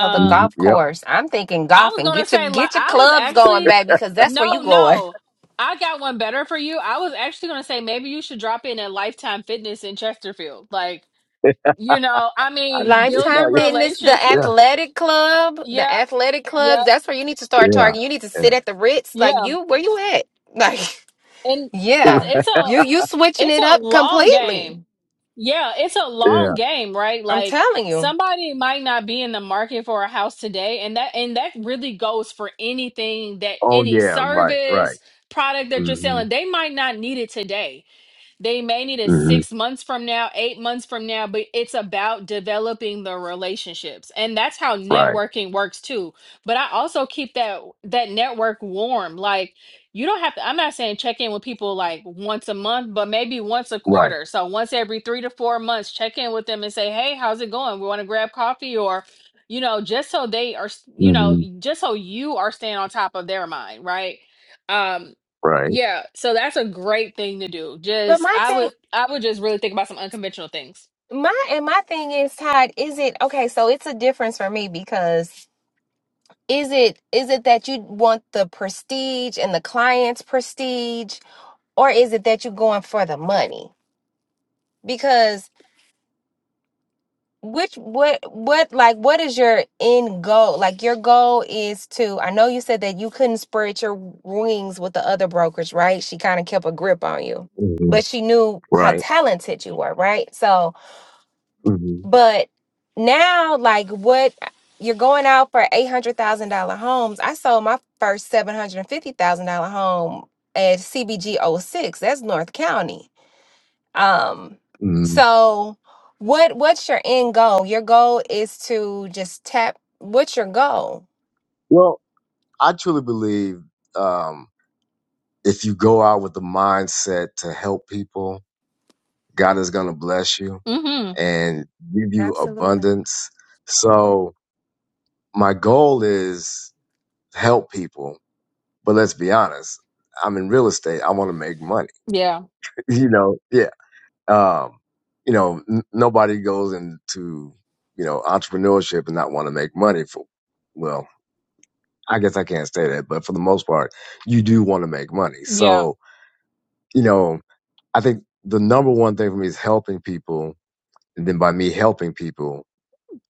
S1: So the
S3: me. hmm
S1: golf
S3: Yep.
S1: course. I'm thinking
S2: I was
S1: golfing.
S2: gonna
S1: Get your
S2: say, like,
S1: get your
S2: I was
S1: clubs going,
S2: actually,
S1: baby, because that's where you
S2: no,
S1: going.
S2: no, I got one better for you. I was actually gonna say maybe you should drop in at Lifetime Fitness in Chesterfield. Like, you know, I mean, building
S3: no,
S1: Lifetime
S3: yeah,
S1: Fitness, the
S2: relationship.
S3: yeah,
S1: athletic club, the
S2: Yep,
S1: athletic clubs.
S2: yep,
S1: That's where you need to start targeting. You need to
S3: yeah,
S1: sit at the Ritz. Like
S2: yeah,
S1: you, where you at? Like
S2: and
S3: yeah,
S2: because
S1: Yeah.
S2: it's a
S1: You you switching
S2: it's
S1: it
S2: a
S1: up
S2: long game.
S1: completely.
S2: Yeah, it's a
S3: yeah.
S2: long game, right?
S1: I'm
S2: Like
S1: telling you.
S2: somebody might not be in the market for a house today, and that and that really goes for anything that
S3: Oh,
S2: any
S3: yeah, right, right.
S2: service product that you're
S3: hmm
S2: selling. They might not need it today they may need it
S3: hmm
S2: six months from now, eight months from now, but it's about developing the relationships. And that's how
S3: Right,
S2: networking works too. But I also keep that that network warm. Like you don't have to, I'm not saying check in with people like once a month, but maybe once a
S3: right,
S2: quarter. So once every three to four months, check in with them and say, hey, how's it going? We want to grab coffee or you know, just so they are, s- you know,
S3: hmm
S2: just so you are staying on top of their mind, right? Um.
S3: right,
S2: Yeah, so that's a great thing to do.
S1: But
S2: Just I would I would just really think about some unconventional things.
S1: my and my thing is, Todd, is it okay, so it's a difference for me because is it is it that you want the prestige and the client's prestige or is it that you're going for the money? Because. which what what like what is your end goal like your goal is to i know you said that you couldn't spread your wings with the other brokers right she kind of kept a grip on you
S3: hmm
S1: but she knew how
S3: right.
S1: talented you were right so
S3: hmm
S1: but now like what you're going out for $800000 homes i sold my first $750000 home at cbg O six. that's north county um,
S3: hmm
S1: so what what's your end goal? Your goal is to just tap what's your goal?
S3: Well, I truly believe um, if you go out with the mindset to help people, God is going to bless you
S2: Mm-hmm.
S3: and give you
S1: Absolutely.
S3: abundance. So, my goal is help people. But let's be honest, I'm in real estate. I want to make money.
S2: Yeah.
S3: You know, yeah. Um, you know, n- nobody goes into you know entrepreneurship and not want to make money. For well, I guess I can't say that, but for the most part, you do want to make money.
S2: Yeah.
S3: So you know, I think the number one thing for me is helping people, and then by me helping people.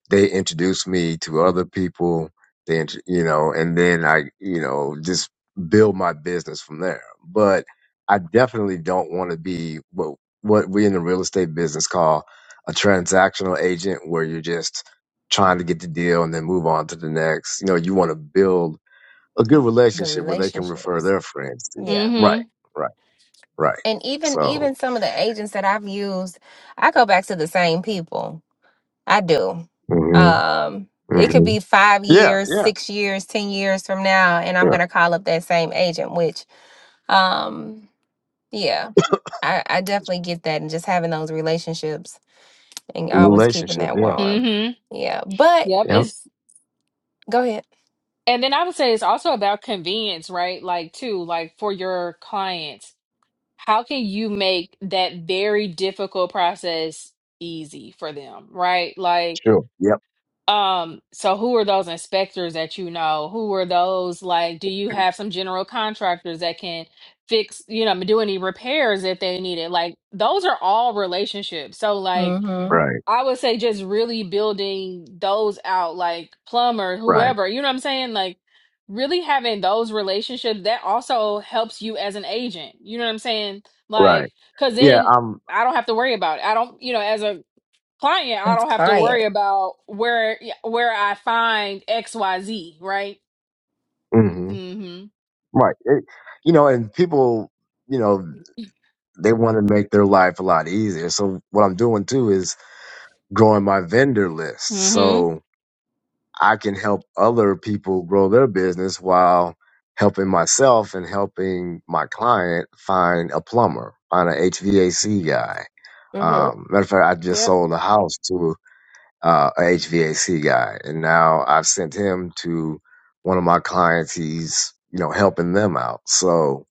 S3: they introduced me to other people they int- you know and then i you know just build my business from there but i definitely don't want to be what what we in the real estate business call a transactional agent where you're just trying to get the deal and then move on to the next you know you want to build a good
S1: Yep. The
S3: relationship where they can refer
S1: relationships.
S3: their friends to you
S1: Yeah.
S3: right
S2: Mm-hmm.
S3: right right
S1: And even
S3: so
S1: even some of the agents that I've used, I go back to the same people. I do.
S3: hmm
S1: Um, it could
S3: hmm
S1: be five
S3: yeah
S1: years,
S3: yeah
S1: six years, ten years from now, and I'm
S3: yeah
S1: gonna call up that same agent. Which, um, yeah, I, I definitely get that, and just having those relationships and always keeping
S3: relationships
S1: that
S3: yeah
S1: warm.
S2: Mm-hmm.
S1: Yeah, but
S2: Yep.
S3: yeah
S2: It's
S1: go ahead.
S2: and then I would say it's also about convenience, right? Like too, like for your clients. How can you make that very difficult process easy for them, right? Like
S3: sure yeah.
S2: Um, so who are those inspectors that you know? Who are those like do you have some general contractors that can fix, you know, do any repairs if they need it? Like those are all relationships. So like
S1: Mm-hmm.
S3: Right.
S2: I would say just really building those out, like plumber,
S3: Right.
S2: whoever, you know what I'm saying? Like really having those relationships that also helps you as an agent. You know what I'm saying?
S3: Right.
S2: Like, cause
S3: Yeah.
S2: then
S3: Um.
S2: I don't have to worry about it. I don't, you know, as a client, I
S1: And
S2: don't have to
S1: client.
S2: worry about where yeah, where I find XYZ, right?
S3: hmm
S2: Mhm.
S3: Right. It, you know, and people, you know, they want to make their life a lot easier. So what I'm doing too is growing my vendor list,
S2: Mhm.
S3: so I can help other people grow their business while helping myself and helping my client find a plumber, find an HVAC guy.
S1: Mm-hmm.
S3: Um, matter of fact, I just
S1: Yep.
S3: sold a house to uh, a HVAC guy, and now I've sent him to one of my clients. He's you know helping them out. So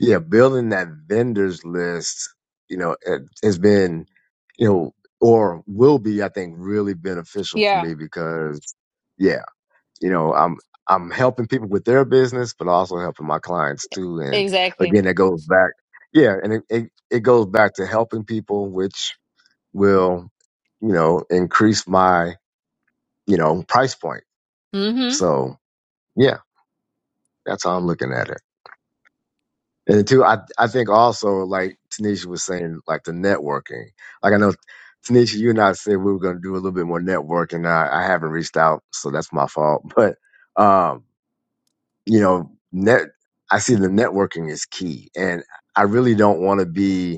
S3: yeah, building that vendors list, you know, it has been you know or will be I think really beneficial for
S2: Yeah,
S3: me because yeah, you know I'm. I'm helping people with their business, but also helping my clients too. And again,
S2: exactly.
S3: that goes back, yeah, and it, it, it goes back to helping people, which will, you know, increase my you know, price point.
S2: Mhm.
S3: So yeah, that's how I'm looking at it. And two, I I think also like Tanisha was saying, like the networking. Like I know Tanisha, you and I said we were gonna do a little bit more networking. I, I haven't reached out, so that's my fault. But um, you know, net I see the networking is key. And I really don't wanna be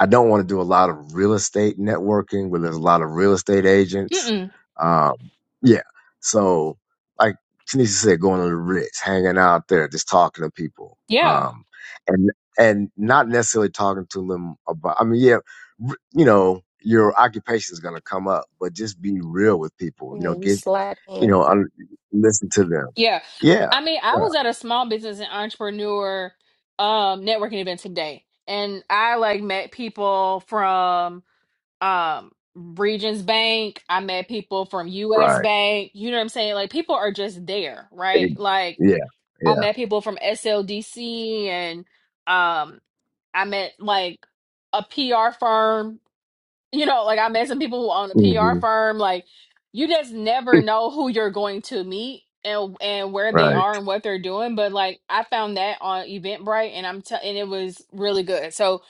S3: I don't want to do a lot of real estate networking where there's a lot of real estate agents.
S2: Mm-mm.
S3: Um, yeah. So, like Tanisha said, going to the Ritz, hanging out there, just talking to people,
S2: Yeah.
S3: um, and and not necessarily talking to them about. I mean, yeah, r- you know, your occupation is going to come up, but just be real with people. You
S1: Yeah,
S3: know,
S1: you
S3: get
S1: slide
S3: you
S1: in.
S3: know, un- listen to them.
S2: Yeah.
S3: Yeah.
S2: I mean, I
S3: Yeah.
S2: was at a small business and entrepreneur um networking event today, and I like met people from um Regions Bank, I met people from US
S3: Right.
S2: Bank, you know what I'm saying? Like people are just there,
S3: Eh,
S2: right? Like
S3: Yeah.
S2: I
S3: Yeah.
S2: met people from SLDC and um. I met like a PR firm, you know, like I met some people who own a
S3: hmm
S2: PR firm. Like you just never know who you're going to meet and and where they
S3: Right.
S2: are and what they're doing. But like I found that on Eventbrite and I'm t- and it was really good. So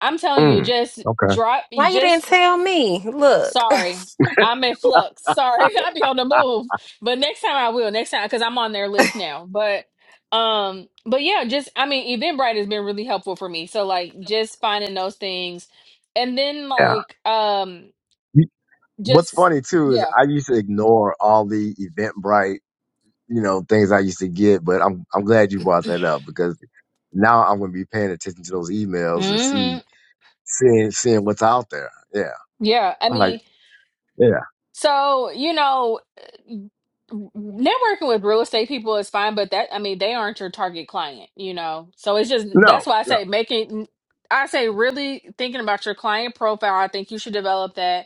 S2: I'm telling you,
S3: Mm.
S2: just
S3: Okay.
S2: drop you
S1: Why you didn't
S2: just
S1: tell me? Look.
S2: Sorry. I'm in flux. Sorry. I'll be on the move. But next time I will. Next time because I'm on their list now. But um but yeah, just I mean Eventbrite has been really helpful for me. So like just finding those things. And then
S3: Yeah.
S2: like um
S3: You- What's
S2: just
S3: funny too is
S2: yeah.
S3: I used to ignore all the Eventbrite, you know, things I used to get, but I'm I'm glad you brought that up because now I'm gonna be paying attention to those emails and see
S2: Mhm.
S3: seeing seeing what's out there. Yeah,
S2: Yeah. I
S3: I'm like,
S2: mean
S3: yeah,
S2: So, you know, networking with real estate people is fine, but that, I mean, they aren't your target client, you know? So it's just,
S3: no,
S2: that's why I
S3: no,
S2: say making, I say really thinking about your client profile. I think you should develop that.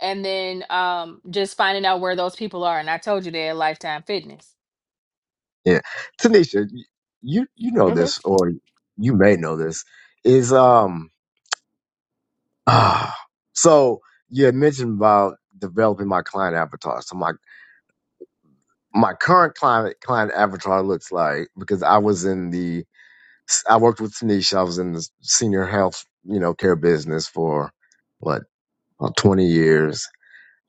S2: And then um, just finding out where those people are. And I told you they're at Lifetime Fitness.
S3: yeah. Tanisha, y- you you know
S1: hmm
S3: this, or you may know this, is um. so you had mentioned about developing my client avatar. So my my current client client avatar looks like because I was in the I worked with Tanisha. I was in the senior health, you know, care business for what about 20 years.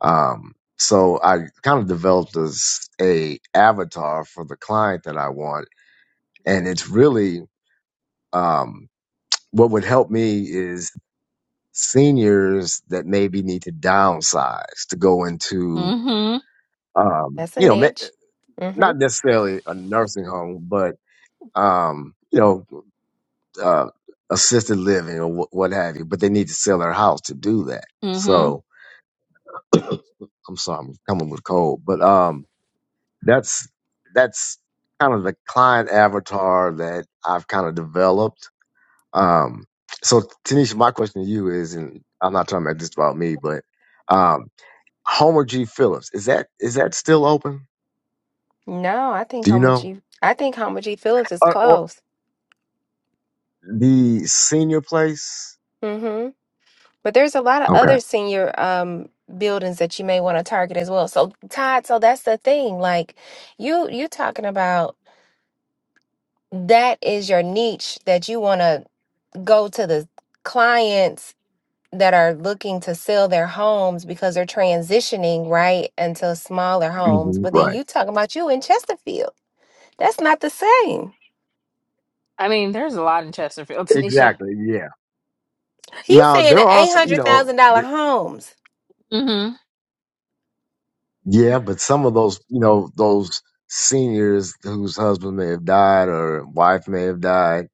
S3: Um, so I kind of developed as a avatar for the client that I want, and it's really um, what would help me is seniors that maybe need to downsize to go into,
S2: Mm-hmm.
S3: um,
S1: That's a
S3: you know, ma-
S1: niche. hmm
S3: not necessarily a nursing home, but um, you know, uh, assisted living or wh- what have you, but they need to sell their house to do that.
S2: Mm-hmm.
S3: So I'm sorry, I'm coming with cold, but um, that's that's kind of the client avatar that I've kind of developed. Um, so Tanisha, my question to you is, and I'm not talking about just about me, but um, Homer G. Phillips is that is that still open?
S1: No, I think
S3: Do you
S1: Homer
S3: know?
S1: G. I think Homer G. Phillips is
S3: Or, or
S1: close.
S3: the senior place?
S1: hmm But there's a lot of
S3: Okay,
S1: other senior um buildings that you may want to target as well. So Todd, so that's the thing. Like you, you talking about that is your niche that you want to go to the clients that are looking to sell their homes because they're transitioning right into smaller homes.
S3: hmm
S1: But then
S3: right.
S1: you talking about you in Chesterfield. That's not the same.
S2: I mean, there's a lot in Chesterfield, Tanisha.
S3: Exactly. Yeah.
S1: He's
S3: Now
S1: saying the
S3: there are
S1: eight
S3: some, you
S1: hundred
S3: know.
S1: thousand dollar homes.
S2: Mm-hmm.
S3: Yeah, but some of those, you know, those seniors whose husband may have died or wife may have died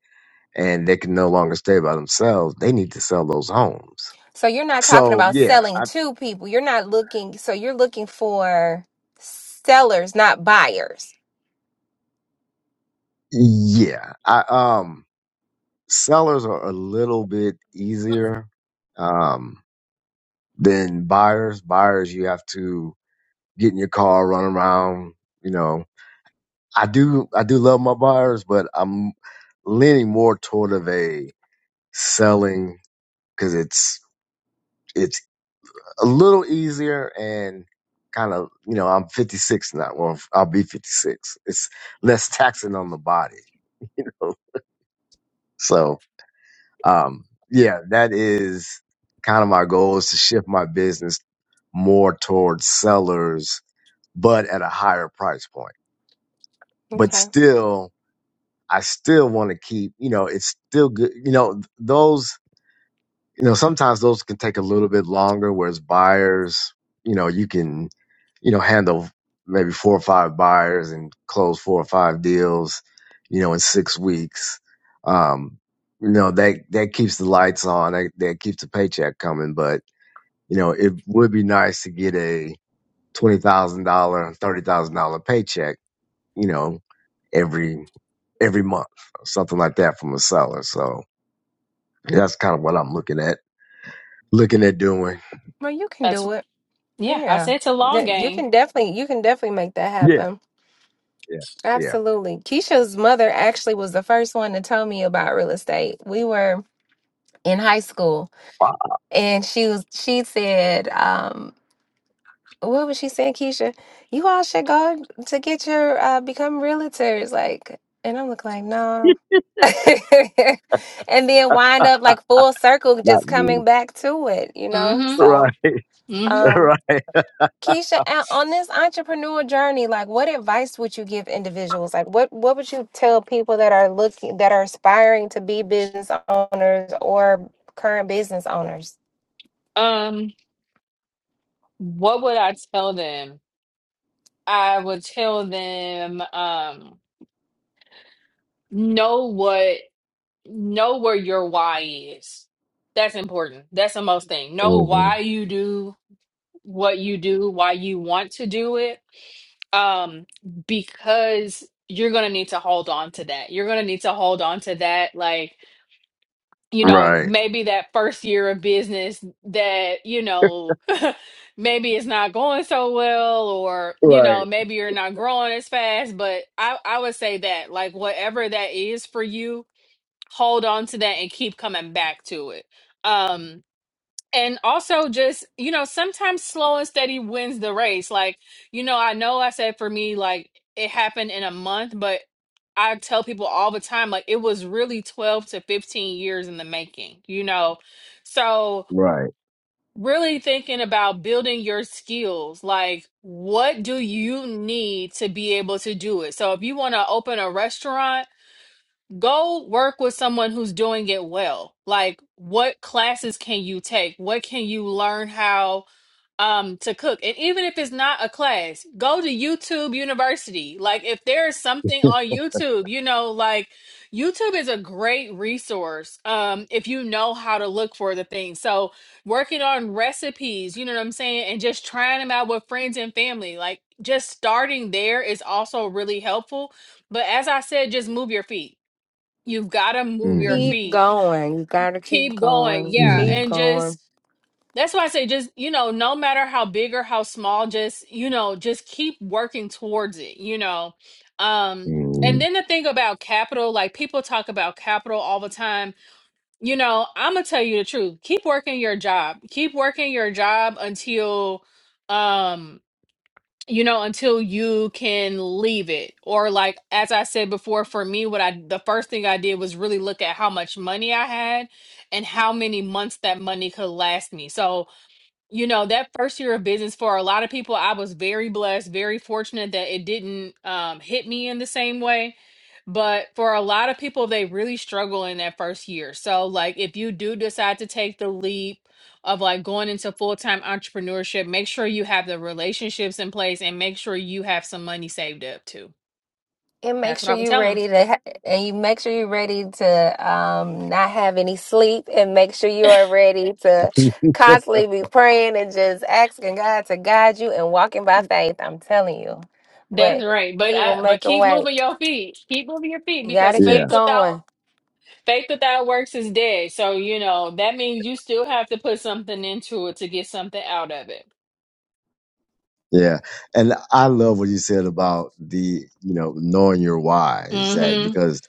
S3: and they can no longer stay by themselves, they need to sell those homes.
S1: So you're not talking
S3: So,
S1: about
S3: yeah,
S1: selling
S3: I,
S1: to people. You're not looking, so you're looking for sellers, not buyers.
S3: yeah, I, um, sellers are a little bit easier, um, than buyers. Buyers, you have to get in your car, run around, you know, I do, I do love my buyers, but I'm leaning more toward of a selling because it's it's a little easier and kind of you know i'm 56 now well i'll be 56 it's less taxing on the body so um yeah that is kind of my goal is to shift my business more towards sellers but at a higher price point but
S1: Okay.
S3: still i still want to keep you know it's still good you know those you know sometimes those can take a little bit longer whereas buyers you know you can you know handle maybe four or five buyers and close four or five deals you know in six weeks um you know that that keeps the lights on that, that keeps the paycheck coming but you know it would be nice to get a $20000 $30000 paycheck you know every every month or something like that from a seller so that's kind of what i'm looking at looking at doing
S1: Well, you can
S2: That's,
S1: do it.
S2: yeah, I
S1: Yeah.
S2: say it's a long
S1: That- You
S2: game.
S1: can definitely you can definitely make that
S3: Yeah.
S1: happen.
S3: yeah, yeah.
S1: Absolutely. Keisha's mother actually was the first one to tell me about real estate. We were in high school,
S3: Wow.
S1: and she was she said, um, "What was she saying, Keisha? You all should go to get your uh, become realtors." Like, and I'm looking like, no. and then wind
S3: Yeah.
S1: up like full circle,
S3: Not
S1: just coming
S3: me.
S1: back to it, you know.
S2: Mm-hmm.
S3: Right,
S1: So,
S2: Mm-hmm.
S1: um,
S3: right,
S1: Keisha, o- on this entrepreneur journey, like, what advice would you give individuals? Like, what what would you tell people that are looking that are aspiring to be business owners or current business owners?
S2: Um, what would I tell them? I would tell them um know what know where your why is. That's important. That's the most thing. Know
S3: hmm
S2: why you do what you do, why you want to do it. Um because you're going to need to hold on to that. You're going to need to hold on to that like you know,
S3: right,
S2: maybe that first year of business that, you know, maybe it's not going so well or, you know,
S3: right,
S2: maybe you're not growing as fast, but I I would say that like whatever that is for you, hold on to that and keep coming back to it. Um and also just you know sometimes slow and steady wins the race like you know i know i said for me like it happened in a month but i tell people all the time like it was really 12 to 15 years in the making you know so
S3: right.
S2: really thinking about building your skills like what do you need to be able to do it so if you want to open a restaurant go work with someone who's doing it well like what classes can you take what can you learn how um to cook and even if it's not a class go to youtube university like if there is something on youtube you know like youtube is a great resource um if you know how to look for the thing so working on recipes you know what i'm saying and just trying them out with friends and family like just starting there is also really helpful but as i said just move your feet You've got to move your
S3: mm
S1: Keep
S2: feet.
S1: going. You gotta keep
S2: Keep going.
S1: going.
S2: Yeah.
S1: Keep
S3: mm
S2: And
S1: going.
S2: just, that's why I say, just, you know, no matter how big or how small, just, you know, just keep working towards it, you know. Um, and
S3: mm
S2: then the thing about capital, like people talk about capital all the time. You know, I'm gonna tell you the truth. Keep working your job. Keep working your job until, um, you know until you can leave it or like as i said before for me what i the first thing i did was really look at how much money i had and how many months that money could last me so you know, that first year of business for a lot of people, I was very blessed, very fortunate that it didn't um, hit me in the same way. But for a lot of people, they really struggle in that first year. So, like, if you do decide to take the leap of like going into full-time entrepreneurship, make sure you have the relationships in place and make sure you have some money saved up too.
S1: And make
S2: That's what
S1: sure
S2: I would
S1: you're
S2: tell them.
S1: ready to, ha- and you make sure you're ready to um, not have any sleep, and make sure you are ready to constantly be praying and just asking God to guide you and walking by faith. I'm telling you,
S2: That's
S1: but
S2: right. But
S1: He
S2: I,
S1: will
S2: but
S1: make a
S2: keep
S1: way.
S2: moving your feet. Keep moving your feet
S1: You
S2: because
S1: gotta
S3: Yeah,
S1: keep
S2: faith without
S1: going.
S2: Faith without works is dead. So, you know, that means you still have to put something into it to get something out of it.
S3: yeah. And I love what you said about the, you know, knowing your why is that
S2: Mm-hmm.
S3: because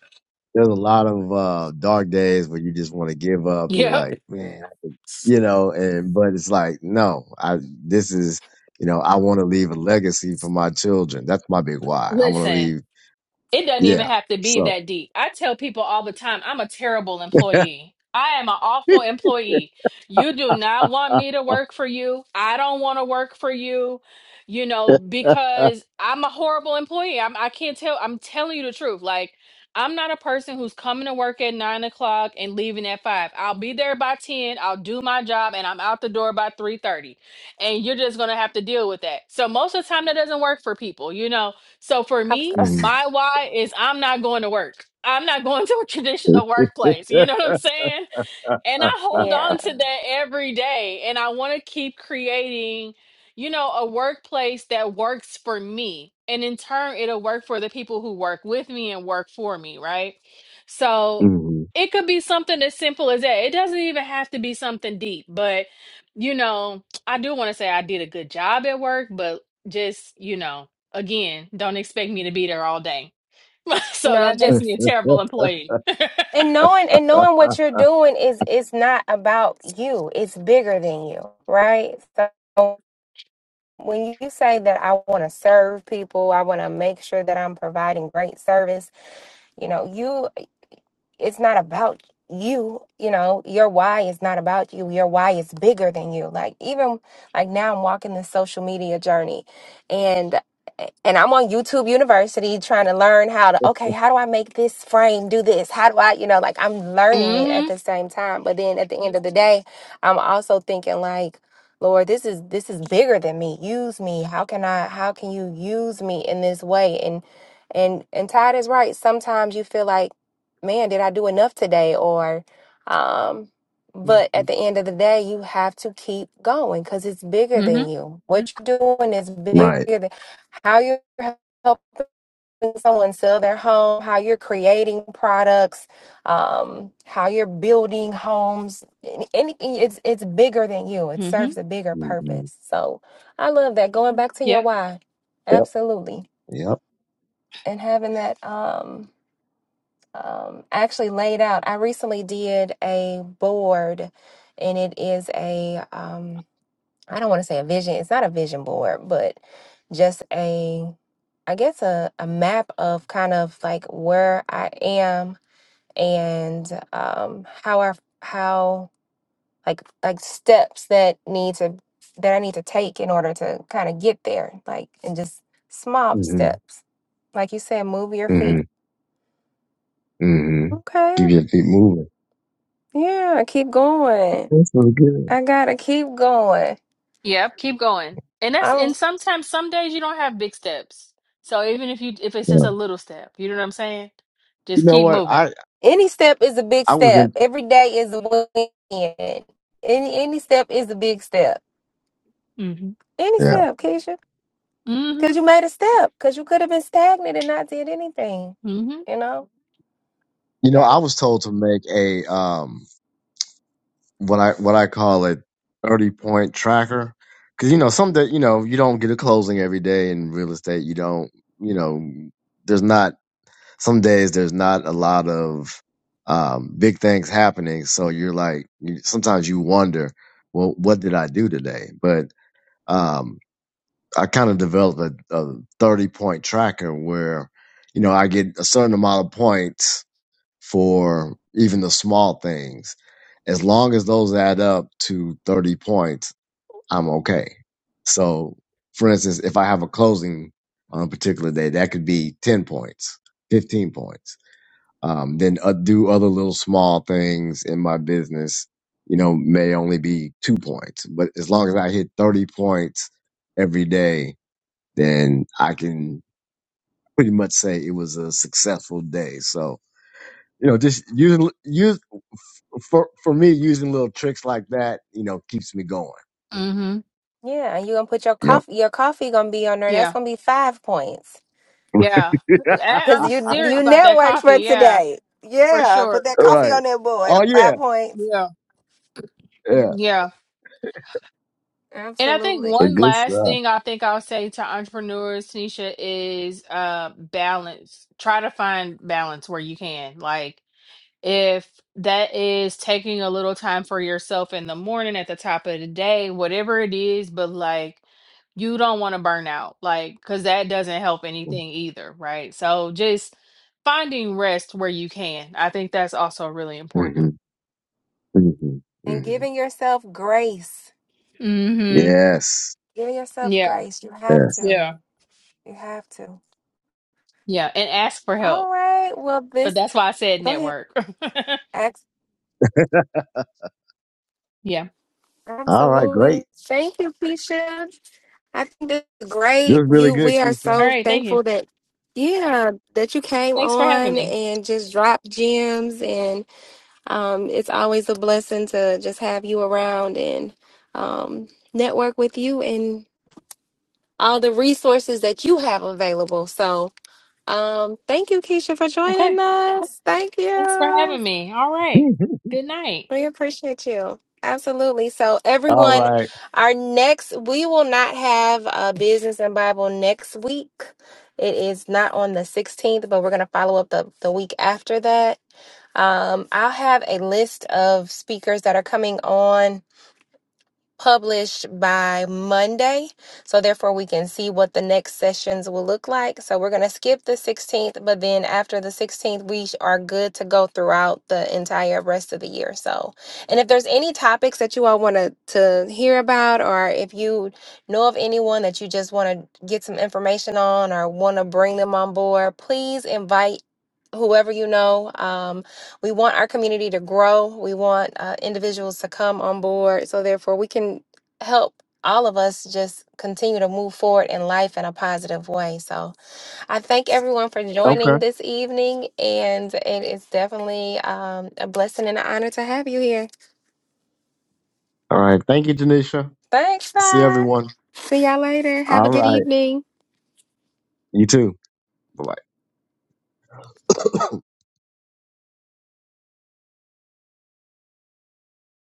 S3: there's a lot of uh, dark days where you just want to give up. You're
S2: Yep.
S3: like, man, you know, and but it's like, no, I this is, you know, I want to leave a legacy for my children. That's my big why. I want to
S2: Listen.
S3: leave.
S2: It doesn't even
S3: Yeah.
S2: have to be
S3: So.
S2: that deep. I tell people all the time, I'm a terrible employee. I am an awful employee. You do not want me to work for you. I don't want to work for you, you know, because I'm a horrible employee. I'm, I can't tell. I'm telling you the truth. Like, I'm not a person who's coming to work at nine o'clock and leaving at five. I'll be there by 10. I'll do my job and I'm out the door by 3 30. And you're just going to have to deal with that. So, most of the time, that doesn't work for people, you know? So for
S1: I was
S2: me,
S1: gonna say,
S2: my why is I'm not going to work. I'm not going to a
S3: hmm
S2: traditional workplace. You know what I'm saying? and I hold
S1: yeah.
S2: on to that every day. And I want to keep creating, you know, a workplace that works for me. And in turn, it'll work for the people who work with me and work for me, right? So
S3: hmm
S2: it could be something as simple as that. It doesn't even have to be something deep, but, you know, I do want to say I did a good job at work, but just, you know, again, don't expect me to be there all day. so
S1: No,
S2: that makes
S1: just
S2: me a terrible employee.
S1: and knowing and knowing what you're doing is it's not about you. It's bigger than you, right? So. when you say that I want to serve people, I want to make sure that I'm providing great service, you know, you it's not about you you know your why is not about you your why is bigger than you like even like now i'm walking this social media journey and and i'm on youtube university trying to learn how to okay how do i make this frame do this how do i you know like i'm learning it at
S2: Mm hmm.
S1: the same time but then at the end of the day i'm also thinking like lord this is this is bigger than me use me how can i how can you use me in this way and and and todd is right sometimes you feel like man, did I do enough today? Or, um, but at the end of the day, you have to keep going because it's bigger
S2: Mm
S1: than
S2: hmm.
S1: you. What you're doing is bigger
S3: Right.
S1: than how you're helping someone sell their home, how you're creating products, um, how you're building homes. Any- Anything, it's it's bigger than you. It
S2: Mm hmm.
S1: serves a bigger
S3: hmm
S1: purpose. So I love that. Going back to your
S2: Yep.
S1: why,
S3: Yep.
S1: absolutely,
S3: Yep.
S1: and having that. Um, um, actually laid out. I recently did a board, and it is a um, I don't want to say a vision. It's not a vision board, but just a I guess a, a map of kind of like where I am and um, how I how like like steps that need to that I need to take in order to kind of get there, like and just small
S3: hmm
S1: steps, like you said, move your
S3: hmm
S1: feet.
S3: hmm
S1: Okay,
S3: Keep your feet moving.
S1: Yeah, keep going.
S3: That's so good.
S1: I gotta keep going.
S2: Yep, keep going. And that's
S1: I'm
S2: and sometimes some days you don't have big steps. So even if you if it's
S3: Yeah.
S2: just a little step, you know what I'm saying?
S3: You
S2: Just
S3: know
S2: keep
S3: what?
S2: moving.
S3: I
S1: any step is a big
S3: I was in.
S1: step. Every day is a win. Any any step is a big step.
S2: Mhm.
S1: Any
S3: Yeah.
S1: step, Keisha. Cause you
S2: Mhm.
S1: made a step. Cause you could have been stagnant and not did anything.
S2: Mhm.
S1: You know?
S3: You
S1: You
S3: know, I
S1: gotta
S3: was told to make a um what I what I call a thirty point tracker because you know some that you know you don't get a closing every day in real estate. You don't. You know, there's not. some days there's not a lot of um, big things happening. So you're like, you, sometimes you wonder, well, what did I do today? But um, I kind of developed a, a 30 point tracker where, you know, I get a certain amount of points for even the small things. As long as those add up to 30 points, I'm okay. So, for instance, if I have a closing on a particular day, that could be 10 points, 15 points um, then uh, do other little small things in my business. You know, may only be two points, but as long as I hit 30 points every day, then I can pretty much say it was a successful day. So, you know, just using, use for, for me, using little tricks like that, you know, keeps me going.
S2: Mhm.
S1: yeah, and you gonna put your
S3: Yep.
S1: coffee your coffee gonna be on there. That's
S2: Yeah.
S1: gonna be five points.
S2: Yeah. I,
S1: Cause
S2: I'm
S1: you
S2: serious
S1: you
S2: about that
S1: networked for
S2: coffee. Yeah.
S1: today.
S2: For
S1: Yeah.
S2: sure.
S1: Put that coffee
S3: right.
S1: on that board.
S3: Oh yeah.
S1: Five points.
S2: Yeah.
S3: Yeah.
S2: Yeah. And I think
S1: Absolutely.
S3: So
S2: one
S3: good
S2: last
S3: stuff.
S2: thing I think I'll say to entrepreneurs, Tanisha, is uh balance. Try to find balance where you can. Like if that is taking a little time for yourself in the morning at the top of the day, whatever it is, but like you don't want to burn out, like, because that doesn't help anything either, right? So just finding rest where you can. I think that's also really
S3: hmm
S2: important.
S3: hmm
S1: And
S3: hmm
S1: giving yourself grace
S2: Mm-hmm.
S3: Yes.
S1: Give yourself
S2: Yeah.
S1: grace. You have
S3: Yes.
S2: Yeah.
S1: to. You have to.
S2: Yeah. And ask for help.
S1: All right. Well,
S2: But
S1: this,
S2: that's why I said
S1: go ahead.
S2: network.
S1: Ex-
S2: yeah.
S3: All right. Great.
S1: Absolutely. Thank you, Keisha. I think this is
S3: This is
S1: great.
S3: really
S1: You,
S3: good,
S1: we are
S3: Keisha.
S2: All
S1: so
S2: right. Thank you.
S1: thankful that, yeah, that you came
S2: Thanks for having
S1: on
S2: me.
S1: and just dropped gems. And um, it's always a blessing to just have you around and um, network with you and all the resources that you have available. So, Um, thank you, Keisha, for joining
S2: Okay.
S1: us. Thank
S2: Thanks for
S1: you.
S2: having me. All right. Good night.
S1: We appreciate you. Absolutely. So,
S3: All
S1: everyone,
S3: right.
S1: our next, we will not have uh, Business and Bible next week. It is not on the 16th, but we're going to follow up the, the week after that. Um, I'll have a list of speakers that are coming on published by Monday. So, therefore, we can see what the next sessions will look like. So, we're going to skip the 16th, but then after the 16th, we are good to go throughout the entire rest of the year. So, and if there's any topics that you all want to to hear about, or if you know of anyone that you just want to get some information on or want to bring them on board, please invite whoever you know. Um, we want our community to grow. We want uh, individuals to come on board. So, therefore, we can help all of us just continue to move forward in life in a positive way. So, I thank everyone for joining
S3: Okay.
S1: this evening. And it is definitely um, a blessing and an honor to have you here.
S3: All right. Thank you, Janisha.
S1: Thanks,
S3: See
S1: bye.
S3: everyone.
S1: See y'all later. Have
S3: All
S1: a good
S3: right.
S1: evening.
S3: You too. Bye bye.